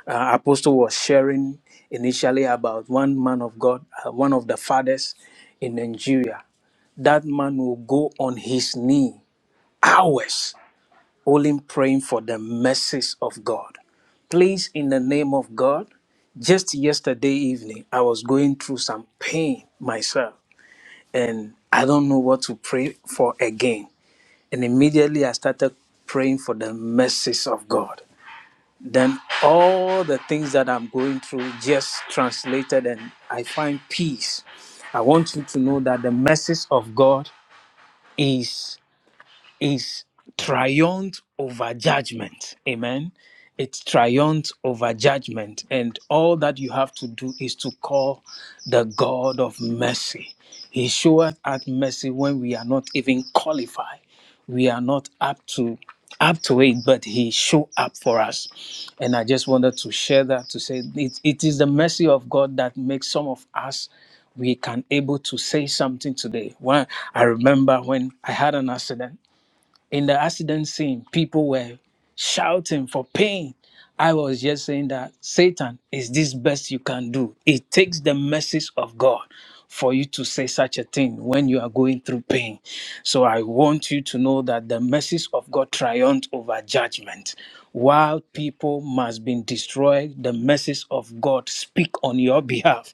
S5: Uh, Apostle was sharing initially about one man of God, uh, one of the fathers in Nigeria. That man will go on his knee hours only praying for the message of God. Please, in the name of God, just yesterday evening, I was going through some pain myself, and I don't know what to pray for again. And immediately I started praying for the mercies of God. Then all the things that I'm going through just translated and I find peace. I want you to know that the mercies of God is is triumphed over judgment. Amen. It triumphed over judgment. And all that you have to do is to call the God of mercy. He showeth us mercy when we are not even qualified. We are not up to up to it, but he showed up for us. And I just wanted to share that to say it, it is the mercy of God that makes some of us we can able to say something today. When I remember when I had an accident in the accident scene, people were shouting for pain. I was just saying that Satan is this best you can do. It takes the message of God for you to say such a thing when you are going through pain. So I want you to know that the message of God triumphs over judgment. While people must be destroyed, the message of God speak on your behalf.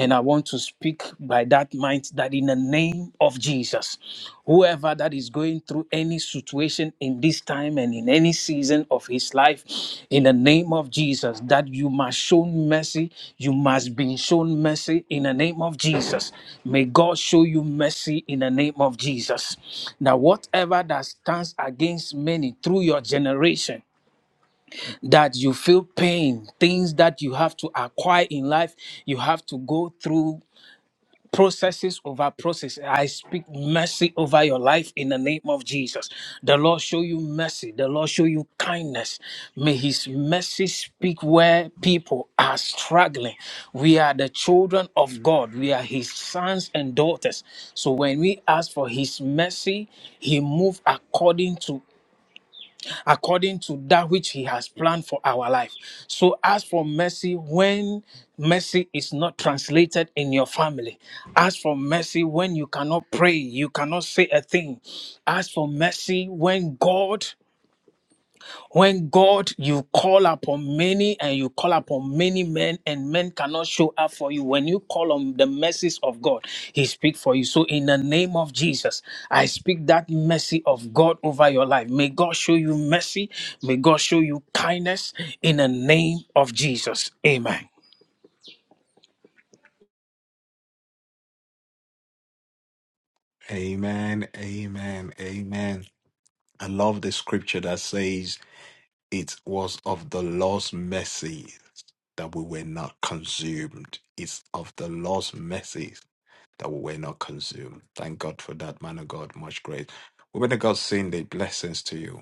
S5: And I want to speak by that mind that in the name of Jesus, whoever that is going through any situation in this time and in any season of his life, in the name of Jesus, that you must show mercy, you must be shown mercy in the name of Jesus. May God show you mercy in the name of Jesus. Now, whatever that stands against many through your generation, that you feel pain, things that you have to acquire in life, you have to go through processes over processes. I speak mercy over your life in the name of Jesus. The Lord show you mercy. The Lord show you kindness. May His mercy speak where people are struggling. We are the children of God. We are His sons and daughters. So when we ask for His mercy, He moves according to according to that which he has planned for our life. So as for mercy, when mercy is not translated in your family, as for mercy, when you cannot pray, you cannot say a thing, as for mercy, when God when God, you call upon many and you call upon many men, and men cannot show up for you. When you call on the mercies of God, He speaks for you. So, in the name of Jesus, I speak that mercy of God over your life. May God show you mercy. May God show you kindness in the name of Jesus. Amen.
S1: Amen, amen, amen. I love the scripture that says, It was of the Lord's mercy that we were not consumed. It's of the Lord's mercy that we were not consumed. Thank God for that, man of God. Much grace. Woman of God, Cindy, blessings to you.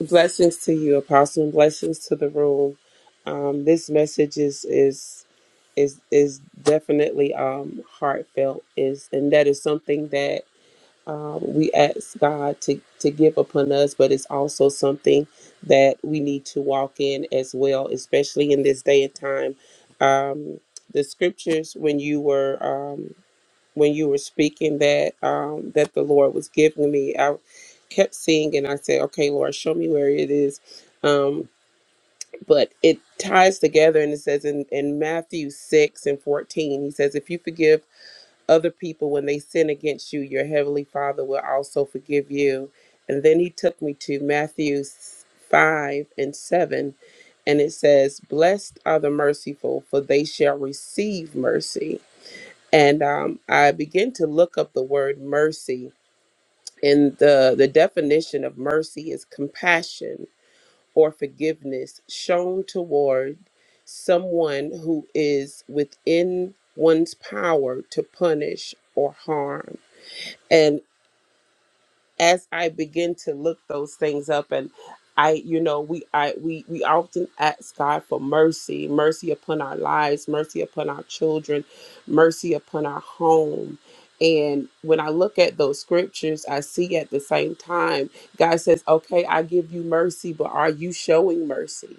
S6: Blessings to you, Apostle, and blessings to the room. Um, this message is is is is definitely um, heartfelt. Is and that is something that um, we ask God to to give upon us, but it's also something that we need to walk in as well, especially in this day and time. Um, the scriptures when you were um, when you were speaking that um, that the Lord was giving me. I kept seeing and I said, "Okay, Lord, show me where it is." Um, but it ties together and it says in, in Matthew six and fourteen, he says, "If you forgive other people when they sin against you, your heavenly Father will also forgive you." And then he took me to Matthew five and seven. And it says, Blessed are the merciful, for they shall receive mercy and um, I began to look up the word mercy. And the, the definition of mercy is compassion or forgiveness shown toward someone who is within one's power to punish or harm as I begin to look those things up and I you know we I we we often ask God for mercy, mercy upon our lives, mercy upon our children, mercy upon our home. And when I look at those scriptures, I see at the same time God says, "Okay, I give you mercy, but are you showing mercy?"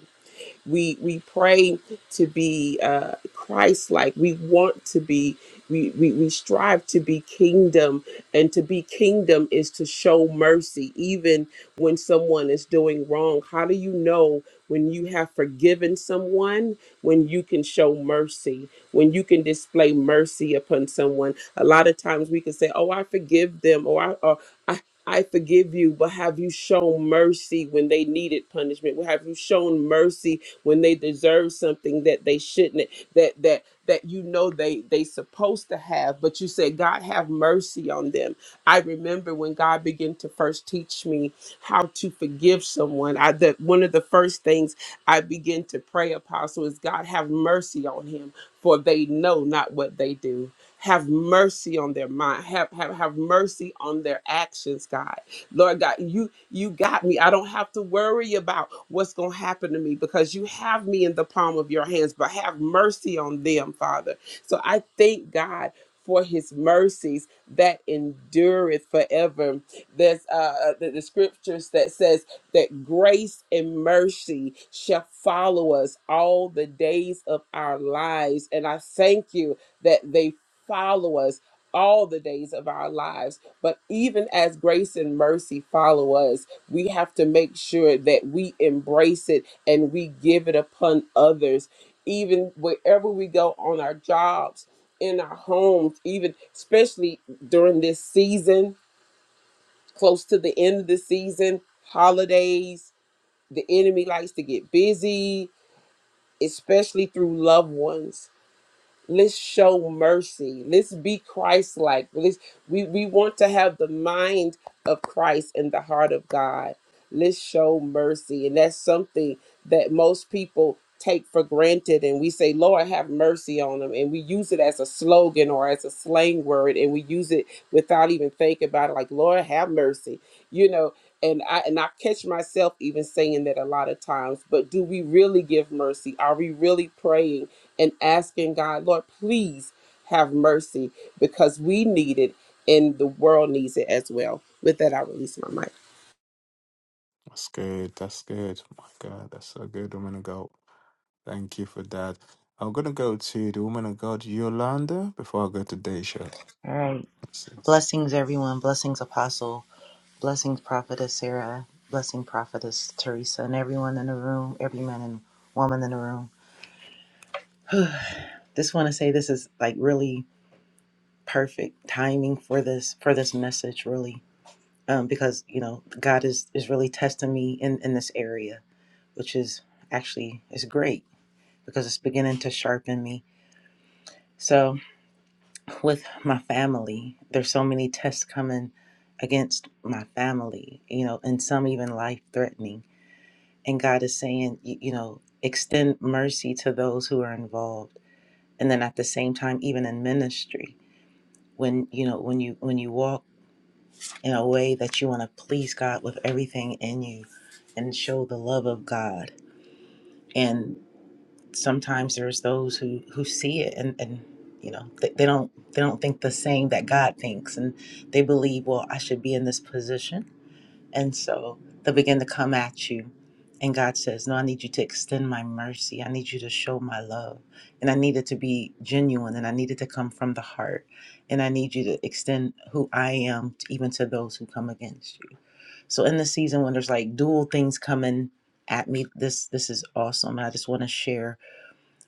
S6: We we pray to be uh, Christ-like. We want to be. We, we we strive to be kingdom, and to be kingdom is to show mercy, even when someone is doing wrong. How do you know when you have forgiven someone? When you can show mercy, when you can display mercy upon someone. A lot of times we can say, "Oh, I forgive them," or "I." Or, I I forgive you, but have you shown mercy when they needed punishment? Have you shown mercy when they deserve something that they shouldn't that that that you know they they supposed to have but you said god have mercy on them i remember when god began to first teach me how to forgive someone i that one of the first things i begin to pray apostle is god have mercy on him for they know not what they do have mercy on their mind have have, have mercy on their actions god Lord God, you you got me. I don't have to worry about what's going to happen to me because you have me in the palm of your hands, but have mercy on them, Father. So I thank God for his mercies that endureth forever. There's uh uh, the, the scriptures that says that grace and mercy shall follow us all the days of our lives. And I thank you that they follow us all the days of our lives but even as grace and mercy follow us, we have to make sure that we embrace it and we give it upon others, even wherever we go on our jobs, in our homes, even especially during this season, close to the end of the season, holidays. The enemy likes to get busy, especially through loved ones let's show mercy let's be christ-like let's we, we want to have the mind of christ and the heart of god Let's show mercy. And that's something that most people take for granted. And we say, Lord, have mercy on them. And we use it as a slogan or as a slang word. And we use it without even thinking about it, like, Lord, have mercy. You know, and I and I catch myself even saying that a lot of times. But do we really give mercy? Are we really praying and asking God, Lord, please have mercy because we need it and the world needs it as well. With that, I release my mic.
S1: That's good. That's good. My God, that's so good, woman of God. Thank you for that. I'm gonna go to the woman of God, Yolanda, before I go to Daisha.
S7: All right.
S1: That's
S7: Blessings, everyone. Blessings, Apostle. Blessings, Prophetess Sarah. Blessing, Prophetess Teresa, and everyone in the room, every man and woman in the room. Just want to say this is like really perfect timing for this for this message, really, um, because you know God is is really testing me in in this area, which is actually is great because it's beginning to sharpen me. So with my family. There's so many tests coming against my family, you know, and some even life threatening. And God is saying, y- you know, extend mercy to those who are involved. And then at the same time, even in ministry, when you know, when you when you walk in a way that you want to please God with everything in you and show the love of God. and. sometimes there's those who who see it and and you know they, they don't they don't think the same that god thinks and they believe well i should be in this position and so they begin to come at you and god says no i need you to extend my mercy i need you to show my love and i need it to be genuine and i need it to come from the heart and i need you to extend who i am t- even to those who come against you so in the season when there's like dual things coming at me this this is awesome i just want to share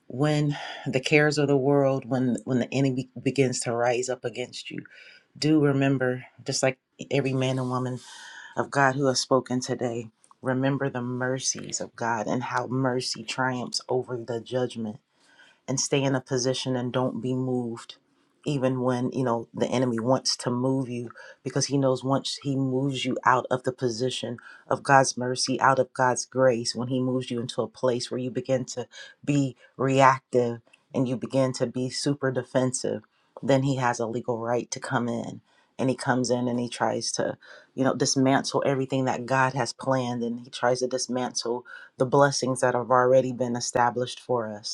S7: when the cares of the world when when the enemy begins to rise up against you do remember just like every man and woman of god who has spoken today remember the mercies of god and how mercy triumphs over the judgment and stay in a position and don't be moved even when you know the enemy wants to move you because he knows once he moves you out of the position of God's mercy out of God's grace when he moves you into a place where you begin to be reactive and you begin to be super defensive then he has a legal right to come in and he comes in and he tries to you know dismantle everything that God has planned and he tries to dismantle the blessings that have already been established for us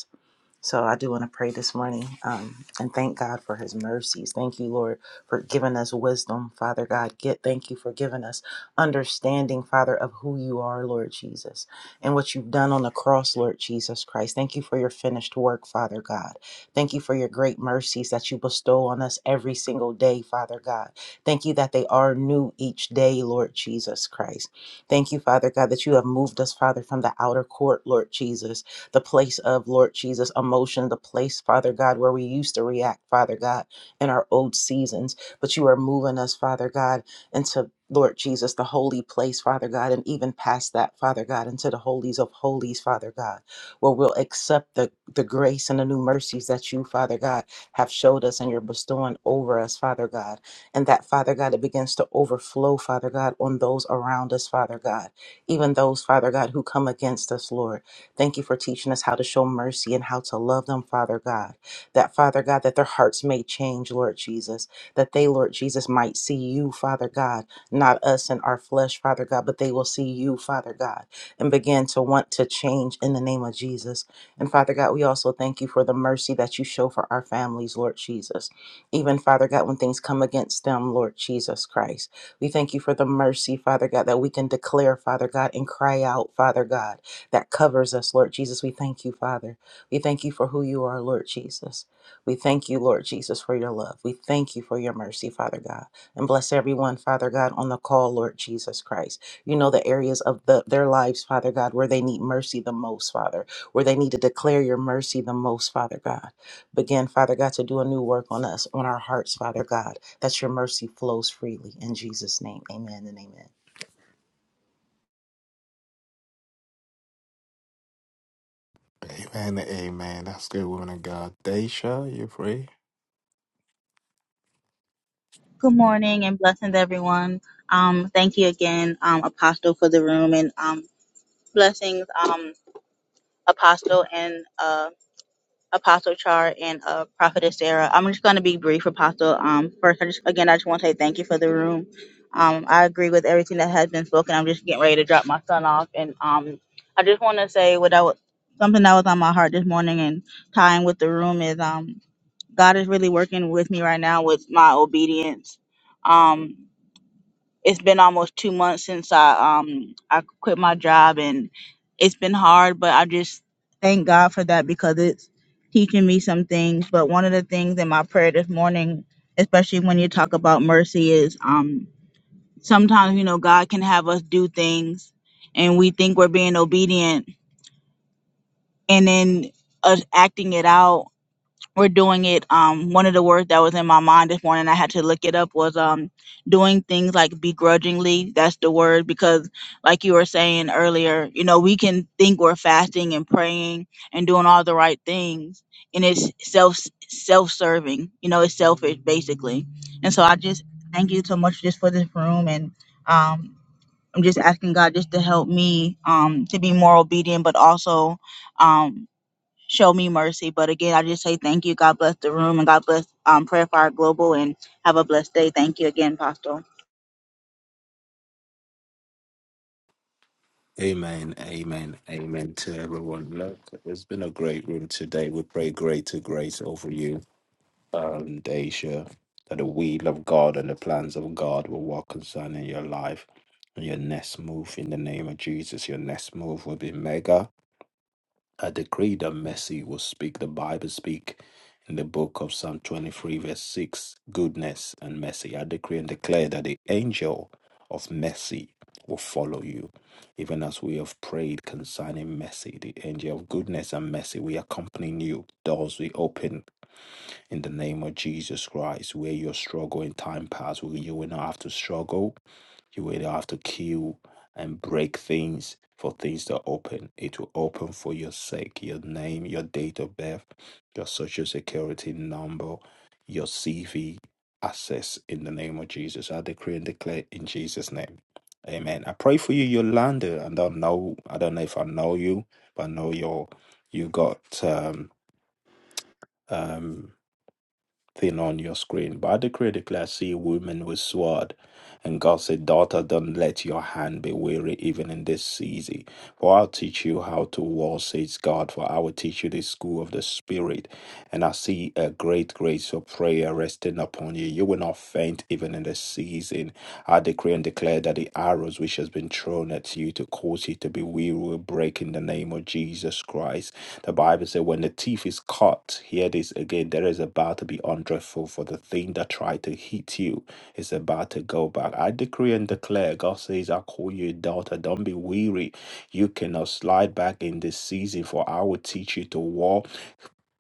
S7: so I do want to pray this morning um, and thank God for his mercies. Thank you, Lord, for giving us wisdom, Father God. Get thank you for giving us understanding, Father, of who you are, Lord Jesus, and what you've done on the cross, Lord Jesus Christ. Thank you for your finished work, Father God. Thank you for your great mercies that you bestow on us every single day, Father God. Thank you that they are new each day, Lord Jesus Christ. Thank you, Father God, that you have moved us, Father, from the outer court, Lord Jesus the place of Lord Jesus emotion, the place, Father God, where we used to react, Father God, in our old seasons. But you are moving us, Father God, into Lord Jesus, the holy place, Father God, and even past that, Father God, into the holies of holies, Father God, where we'll accept the, the grace and the new mercies that you, Father God, have showed us and you're bestowing over us, Father God and that father god it begins to overflow father god on those around us father god even those father god who come against us lord Thank you for teaching us how to show mercy and how to love them, Father God. That, Father God, that their hearts may change, Lord Jesus. That they, Lord Jesus, might see you, Father God, not us and our flesh, Father God, but they will see you, Father God, and begin to want to change in the name of Jesus. And Father God, we also thank you for the mercy that you show for our families, Lord Jesus. Even, Father God, when things come against them, Lord Jesus Christ. We thank you for the mercy, Father God, that we can declare, Father God, and cry out, Father God that covers us, Lord Jesus. We thank you, Father. We thank you for who you are, Lord Jesus. We thank you, Lord Jesus, for your love. We thank you for your mercy, Father God. And bless everyone, Father God, on the call, Lord Jesus Christ. You know the areas of the, their lives, Father God, where they need mercy the most, Father, where they need to declare your mercy the most, Father God. Begin, Father God, to do a new work on us, on our hearts, Father God, that your mercy flows freely. In Jesus' name, amen and amen.
S1: it. Amen. Amen. That's good, woman of God. Daisha, you free?
S8: Good morning and blessings, everyone. Um, thank you again, um, Apostle, for the room and um, blessings, um, Apostle and uh, Apostle Char and uh, Prophetess Sarah. I'm just going to be brief, Apostle. Um, first, I just, again, I just want to say thank you for the room. Um, I agree with everything that has been spoken. I'm just getting ready to drop my son off, and um, I just want to say what I was something that was on my heart this morning and tying with the room is um, God is really working with me right now with my obedience. Um, it's been almost two months since I um I quit my job and it's been hard, but I just thank God for that because it's teaching me some things. But one of the things in my prayer this morning, especially when you talk about mercy, is um sometimes you know God can have us do things and we think we're being obedient and then us acting it out we're doing it. Um, one of the words that was in my mind this morning, I had to look it up, was um, doing things like begrudgingly. That's the word because, like you were saying earlier, you know, we can think we're fasting and praying and doing all the right things, and it's self self serving. You know, it's selfish basically. And so I just thank you so much just for this room, and um, I'm just asking God just to help me um, to be more obedient, but also. Um, show me mercy. But again, I just say thank you. God bless the room and God bless um, Prayer Fire Global and have a blessed day. Thank you again, Pastor.
S1: Amen, amen, amen to everyone. Look, it's been a great room today. We pray greater grace over you. um, Daisha, that the will of God and the plans of God will work concerning your life. And your next move in the name of Jesus, your next move will be mega. I decree that mercy will speak, the Bible speak in the book of Psalm 23, verse 6, goodness and mercy. I decree and declare that the angel of mercy will follow you. Even as we have prayed concerning mercy, the angel of goodness and mercy, we accompany you. Doors we open in the name of Jesus Christ, where your struggle in time past, where you will not have to struggle, you will not have to kill and break things for things to open. It will open for your sake, your name, your date of birth, your social security number, your CV, access in the name of Jesus. I decree and declare in Jesus' name. Amen. I pray for you, Yolanda. I don't know. I don't know if I know you, but I know you're you got um um thing on your screen. But I decree, declare, see women with sword. And God said, Daughter, don't let your hand be weary even in this season. For I'll teach you how to war, says God, for I will teach you the school of the Spirit. And I see a great grace of prayer resting upon you. You will not faint even in this season. I decree and declare that the arrows which stones which has been thrown at you to cause you to be weary will break in the name of Jesus Christ. The Bible said, when the teeth is cut, hear this again, there is about to be undreadful for the thing that tried to hit you is about to go back. I decree and declare, God says, I call you a daughter. Don't be weary. You cannot slide back in this season, for I will teach you to war.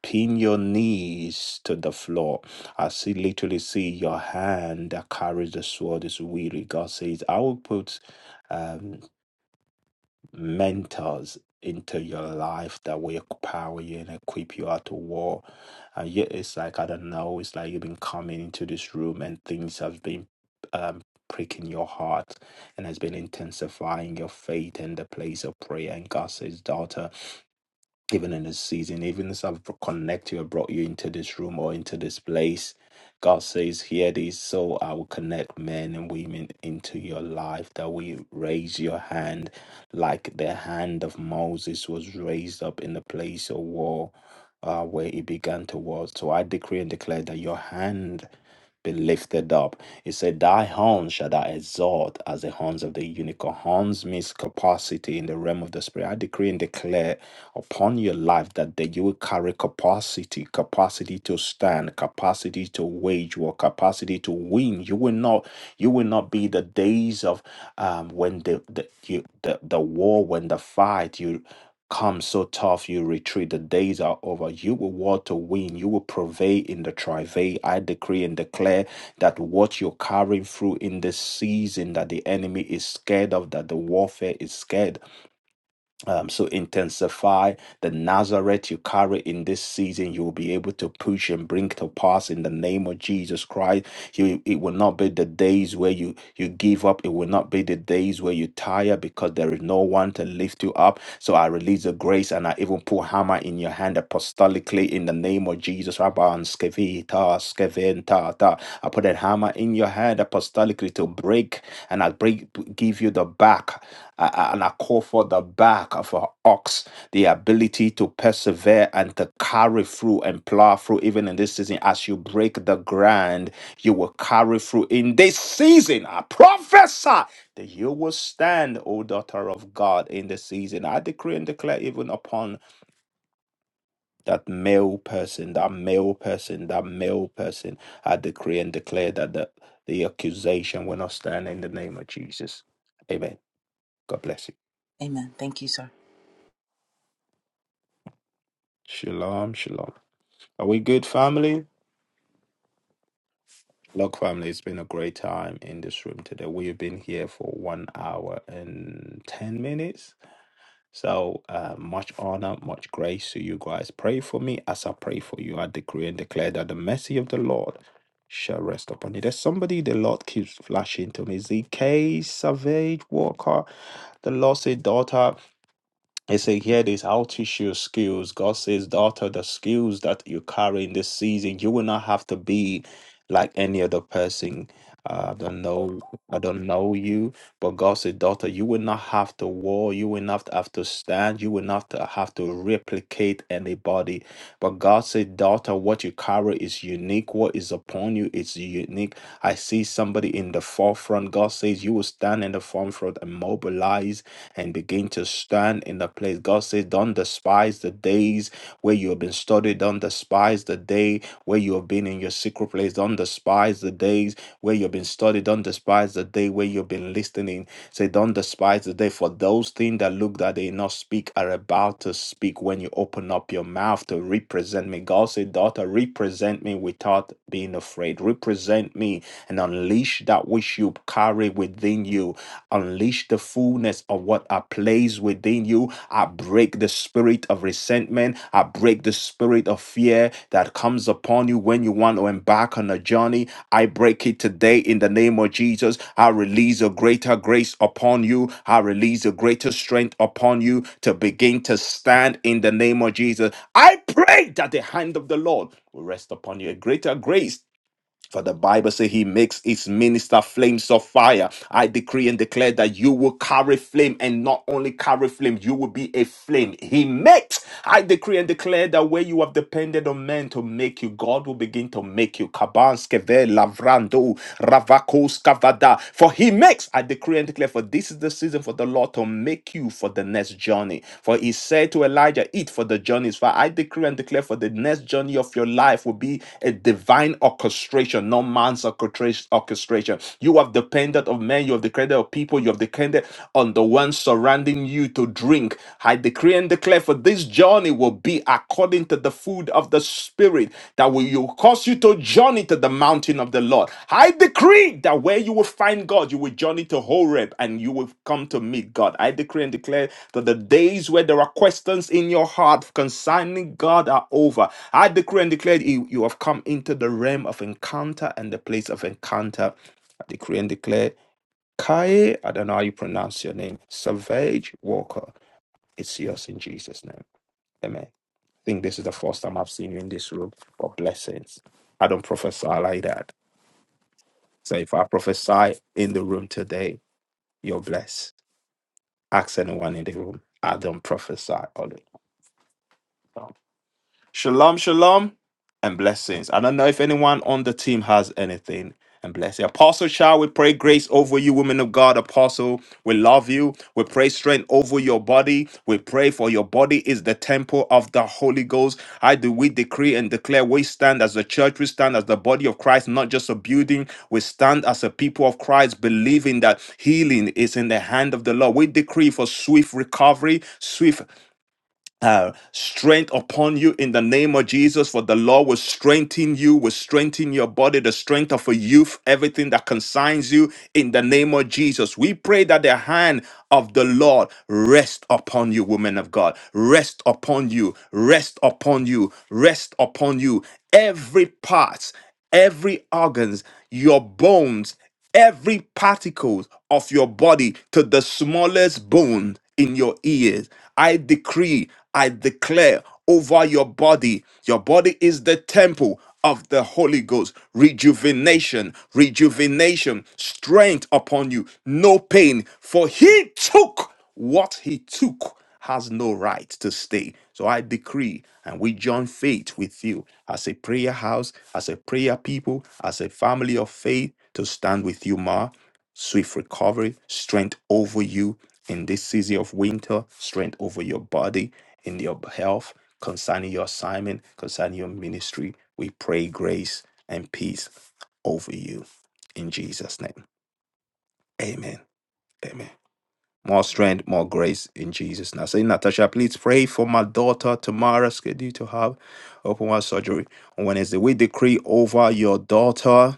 S1: Pin your knees to the floor. I see literally see your hand that carries the sword is weary. God says, I will put um, mentors into your life that will empower you and equip you out to war. And yet it's like, I don't know, it's like you've been coming into this room and things have been um, pricking your heart and has been intensifying your faith in the place of prayer. And God says, daughter, even in this season, even as I've connected you, I brought you into this room or into this place. God says, Hear this, so I will connect men and women into your life, that we raise your hand like the hand of Moses was raised up in the place of war uh, where he began to war. So I decree and declare that your hand be lifted up. He said, Thy horn shall thou exalt as the horns of the unicorn. Horns means capacity in the realm of the spirit. I decree and declare upon your life that, that you will carry capacity, capacity to stand, capacity to wage war, capacity to win. You will not, you will not be the days of um when the the you, the, the war, when the fight, you. Come so tough, you retreat. The days are over. You will war to win. You will prevail in the travail. I decree and declare that what you're carrying through in this season that the enemy is scared of, that the warfare is scared um, so intensify the Nazareth you carry in this season. You will be able to push and bring to pass in the name of Jesus Christ. You, it will not be the days where you you give up. It will not be the days where you tire because there is no one to lift you up. So I release the grace and I even put hammer in your hand apostolically in the name of Jesus. Rabban skevita skeventa ta. I put that hammer in your hand apostolically to break and I break give you the back. I- and I call for the back of an ox, the ability to persevere and to carry through and plow through, even in this season. As you break the ground, you will carry through in this season. I prophesy that you will stand, O daughter of God, in the season. I decree and declare, even upon that male person, that male person, that male person, I decree and declare that the, the accusation will not stand in the name of Jesus. Amen. God bless you.
S7: Amen. Thank you, sir.
S1: Shalom, shalom. Are we good, family? Look, family, it's been a great time in this room today. We have been here for one hour and 10 minutes. So, uh, much honor, much grace to you guys. Pray for me as I pray for you. I decree and declare that the mercy of the Lord shall rest upon you. There's somebody the Lord keeps flashing to me ZK Savage Walker. The Lord said, Daughter. It says here, this I'll teach you skills. God says, daughter, the skills that you carry in this season, you will not have to be like any other person. Uh, I don't know, I don't know you, but God said, daughter, you will not have to war, you will not have to stand, you will not have to replicate anybody. But God said, daughter, what you carry is unique. What is upon you is unique. I see somebody in the forefront. God says, you will stand in the forefront and mobilize and begin to stand in the place. God says, Don't despise the days where you have been studied. Don't despise the day where you have been in your secret place. Don't despise the days where you've been studied. Don't despise the day where you've been listening. Say, Don't despise the day for those things that look that they not speak are about to speak when you open up your mouth to represent me. God said, Daughter, represent me without being afraid. Represent me and unleash that which you carry within you. Unleash." unleash the fullness of what I place within you. I break the spirit of resentment. I break the spirit of fear that comes upon you when you want to embark on a journey. I break it today in the name of Jesus. I release a greater grace upon you. I release a greater strength upon you to begin to stand in the name of Jesus. I pray that the hand of the Lord will rest upon you. A greater grace for the Bible says he makes his minister flames of fire. I decree and declare that you will carry flame and not only carry flame, you will be a flame. He makes. I decree and declare that where you have depended on men to make you, God will begin to make you. Kabanskeve lavrando ravakos kavada. For he makes. I decree and declare for this is the season for the for the Lord to make you for the next journey. For he said to Elijah, Eat for the journey is far. I decree and declare for the next journey of your life will be a divine orchestration, not man's orchestration. You have depended on men, you have depended on people, you have depended on the ones surrounding you to drink. I decree and declare for this journey will be according to the the food of the Spirit that will you cause you to journey to the mountain of the Lord. I decree that where you will find God, you will journey to Horeb and you will come to meet God. I decree and declare that the days where there are questions in your heart concerning God are over. I decree and declare you you have come into the realm of encounter and the place of encounter. I decree and declare Kai, I don't know how you pronounce your name, Savage Walker. It's yours in Jesus' name. Amen think this is the first time I've seen you in this room for blessings. I don't prophesy like that. So if I prophesy in the room today, you're blessed. Ask anyone in the room. I don't prophesy. only. Shalom, shalom, and blessings. I don't know if anyone on the team has anything. And bless you. Apostle Shah, we pray grace over you, women of God. Apostle, we love you. We pray strength over your body. We pray for your body is the temple of the Holy Ghost. I do we decree and declare we stand as the church, we stand as the body of Christ, not just a building. We stand as a people of Christ, believing that healing is in the hand of the Lord. We decree for swift recovery, swift uh, strength upon you in the name of Jesus. For the Lord will strengthen you, will strengthen your body, the strength of a youth, everything that concerns you in the name of Jesus. We pray that the hand of the Lord rest upon you, women of God. Rest upon you, rest upon you, rest upon you. Every part, every organs, your bones every particle of your body to the smallest bone in your ears. I decree, I declare over your body. Your body is the temple of the Holy Ghost. Rejuvenation, rejuvenation, strength upon you. No pain, for he took what he took has no right to stay. So I decree and we join faith with you as a prayer house, as a prayer people, as a family of faith to stand with you, Ma. Swift recovery, strength over you in this season of winter, strength over your body, in your health, concerning your assignment, concerning your ministry. We pray grace and peace over you in Jesus' name. Amen. Amen. More strength, more grace in Jesus. Now, say, Natasha, please pray for my daughter Tamara, scheduled to have open heart surgery on Wednesday. We decree over your daughter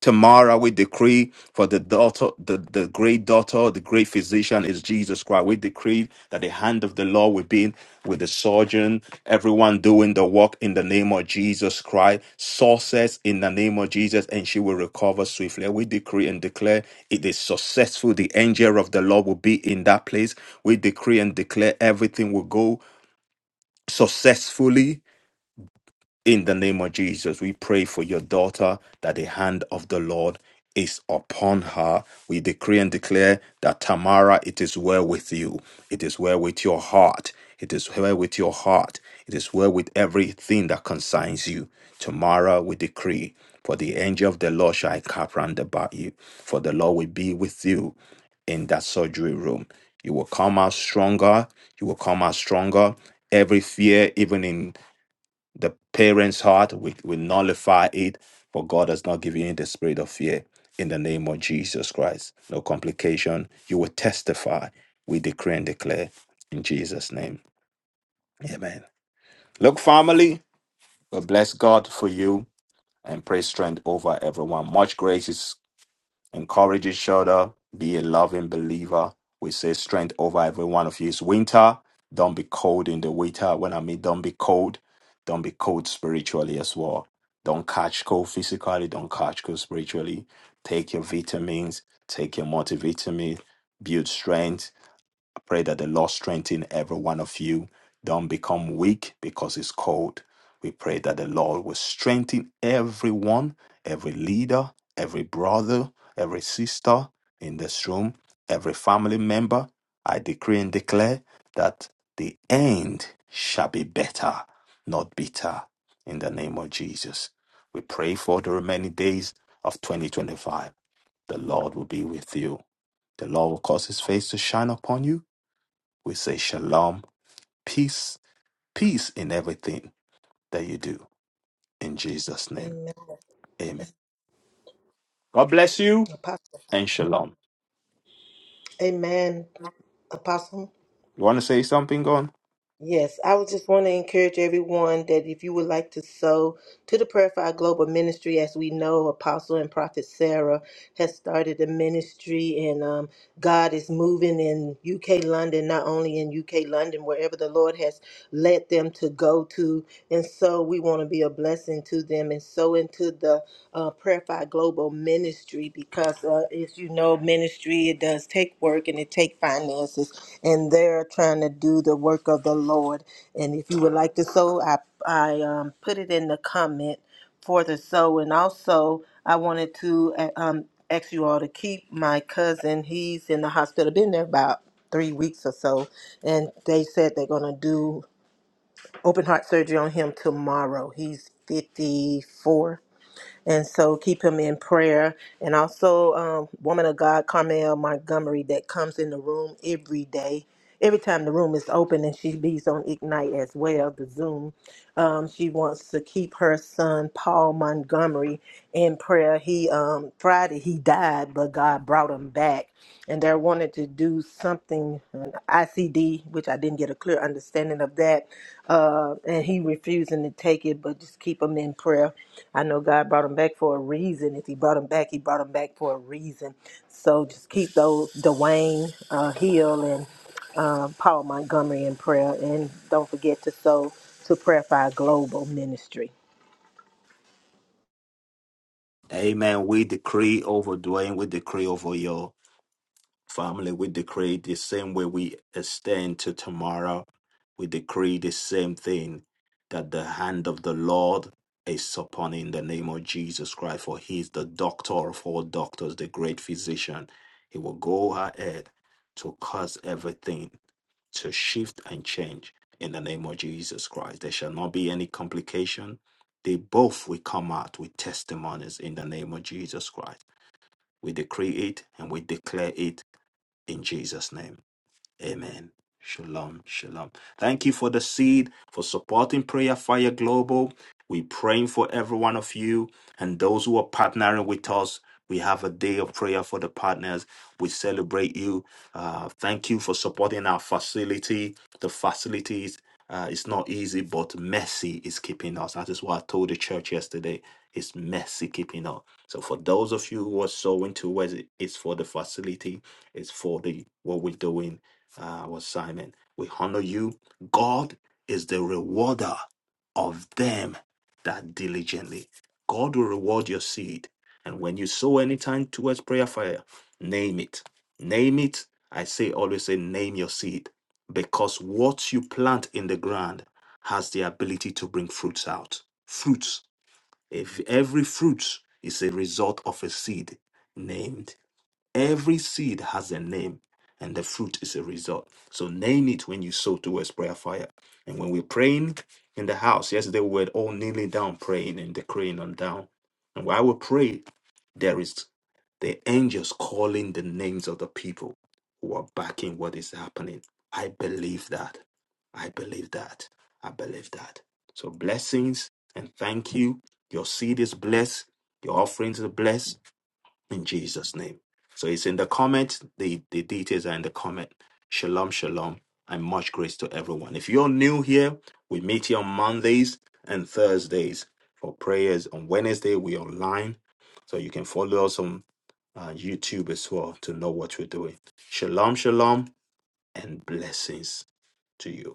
S1: Tomorrow we decree for the daughter, the, the great daughter, the great physician is Jesus Christ. We decree that the hand of the Lord will be with the surgeon, everyone doing the work in the name of Jesus Christ, success in the name of Jesus, and she will recover swiftly. We decree and declare it is successful. The angel of the Lord will be in that place. We decree and declare everything will go successfully in the name of Jesus, we pray for your daughter that the hand of the Lord is upon her. We decree and declare that Tamara, it is well with you. It is well with your heart. It is well with your heart. It is well with everything that concerns you. Tomorrow we decree, for the angel of the Lord shall encamp round about you, for the Lord will be with you in that surgery room. You will come out stronger. You will come out stronger. Every fear, even in the parents' heart. We, we nullify it, for God has not given you the spirit of fear in the name of Jesus Christ. No complication. You will testify. We decree and declare in Jesus' name. Amen. Look, family, we bless God for you and pray strength over everyone. Much grace is encourage each other, be a loving believer. We say strength over every one of you. It's winter. Don't be cold in the winter. When I mean don't be cold, don't be cold spiritually as well. Don't catch cold physically, don't catch cold spiritually. Take your vitamins, take your multivitamin, build strength, Pray that the Lord strengthen every one of you. Don't become weak because it's cold. We pray that the Lord will strengthen everyone, every leader, every brother, every sister in this room, every family member. I decree and declare that the end shall be better, not bitter. In the name of Jesus, we pray for the remaining days of 2025. The Lord will be with you. The Lord will cause his face to shine upon you we say shalom, peace, peace in everything that you do. In Jesus' name, amen. God bless you
S3: Apostle.
S1: and shalom.
S3: Amen. Apostle.
S1: You want to say something, Gon?
S3: Yes, I would just want to encourage everyone that if you would like to sow to the Prayer Fire Global Ministry, as we know, Apostle and Prophet Sarah has started a ministry, and um, God is moving in UK London, not only in UK London, wherever the Lord has led them to go to. And so we want to be a blessing to them and so into the uh, Prayer Fire Global ministry because, uh, as you know, ministry, it does take work and it take finances. And they're trying to do the work of the Lord. And if you would like to sow, I, I um, put it in the comment for the sow. And also, I wanted to uh, um, ask you all to keep my cousin. He's in the hospital, been there about three weeks or so. And they said they're going to do open heart surgery on him tomorrow. He's 54. And so keep him in prayer. And also, um, woman of God, Carmel Montgomery, that comes in the room every day. Every time the room is open and she leaves on Ignite as well, the Zoom, um, she wants to keep her son, Paul Montgomery, in prayer. He, um, Friday, he died, but God brought him back and they wanted to do something an ICD, which I didn't get a clear understanding of that. Uh, and he refusing to take it, but just keep him in prayer. I know God brought him back for a reason. If He brought him back, He brought him back for a reason. So just keep those Dwayne uh, Hill and uh, Paul Montgomery in prayer, and don't forget to sow to Prayer Fire Global Ministry.
S1: Amen. We decree over Dwayne, we decree over you. Family, we decree the same way we extend to tomorrow. We decree the same thing that the hand of the Lord is upon in the name of Jesus Christ, for he is the doctor of all doctors, the great physician. He will go ahead to cause everything to shift and change in the name of Jesus Christ. There shall not be any complication. They both will come out with testimonies in the name of Jesus Christ. We decree it and we declare it in Jesus' name. Amen. Shalom. Shalom. Thank you for the seed, for supporting Prayer Fire Global. We're praying for every one of you and those who are partnering with us. We have a day of prayer for the partners. We celebrate you. Uh, thank you for supporting our facility. The facilities, uh, it's not easy, but mercy is keeping us. That is what I told the church yesterday. It's mercy keeping us. So for those of you who are sowing towards it, it's for the facility. It's for the what we're doing uh, was Simon. We honor you. God is the rewarder of them that diligently. God will reward your seed. And when you sow any time towards prayer fire, name it. Name it. I say always say name your seed. Because what you plant in the ground has the ability to bring fruits out. Fruits. If every fruit is a result of a seed named. Every seed has a name, and the fruit is a result. So name it when you sow towards prayer fire. And when we're praying in the house, yesterday we were all kneeling down, praying and decreeing on down. And while we pray, there is the angels calling the names of the people who are backing what is happening. I believe that. I believe that. I believe that. So blessings and thank you. Your seed is blessed. Your offerings are blessed in Jesus' name. So it's in the comment. The, the details are in the comment. Shalom, shalom, and much grace to everyone. If you're new here, we meet here on Mondays and Thursdays for prayers. On Wednesday, we're online. So you can follow us on uh, YouTube as well to know what we're doing. Shalom, shalom, and blessings to you.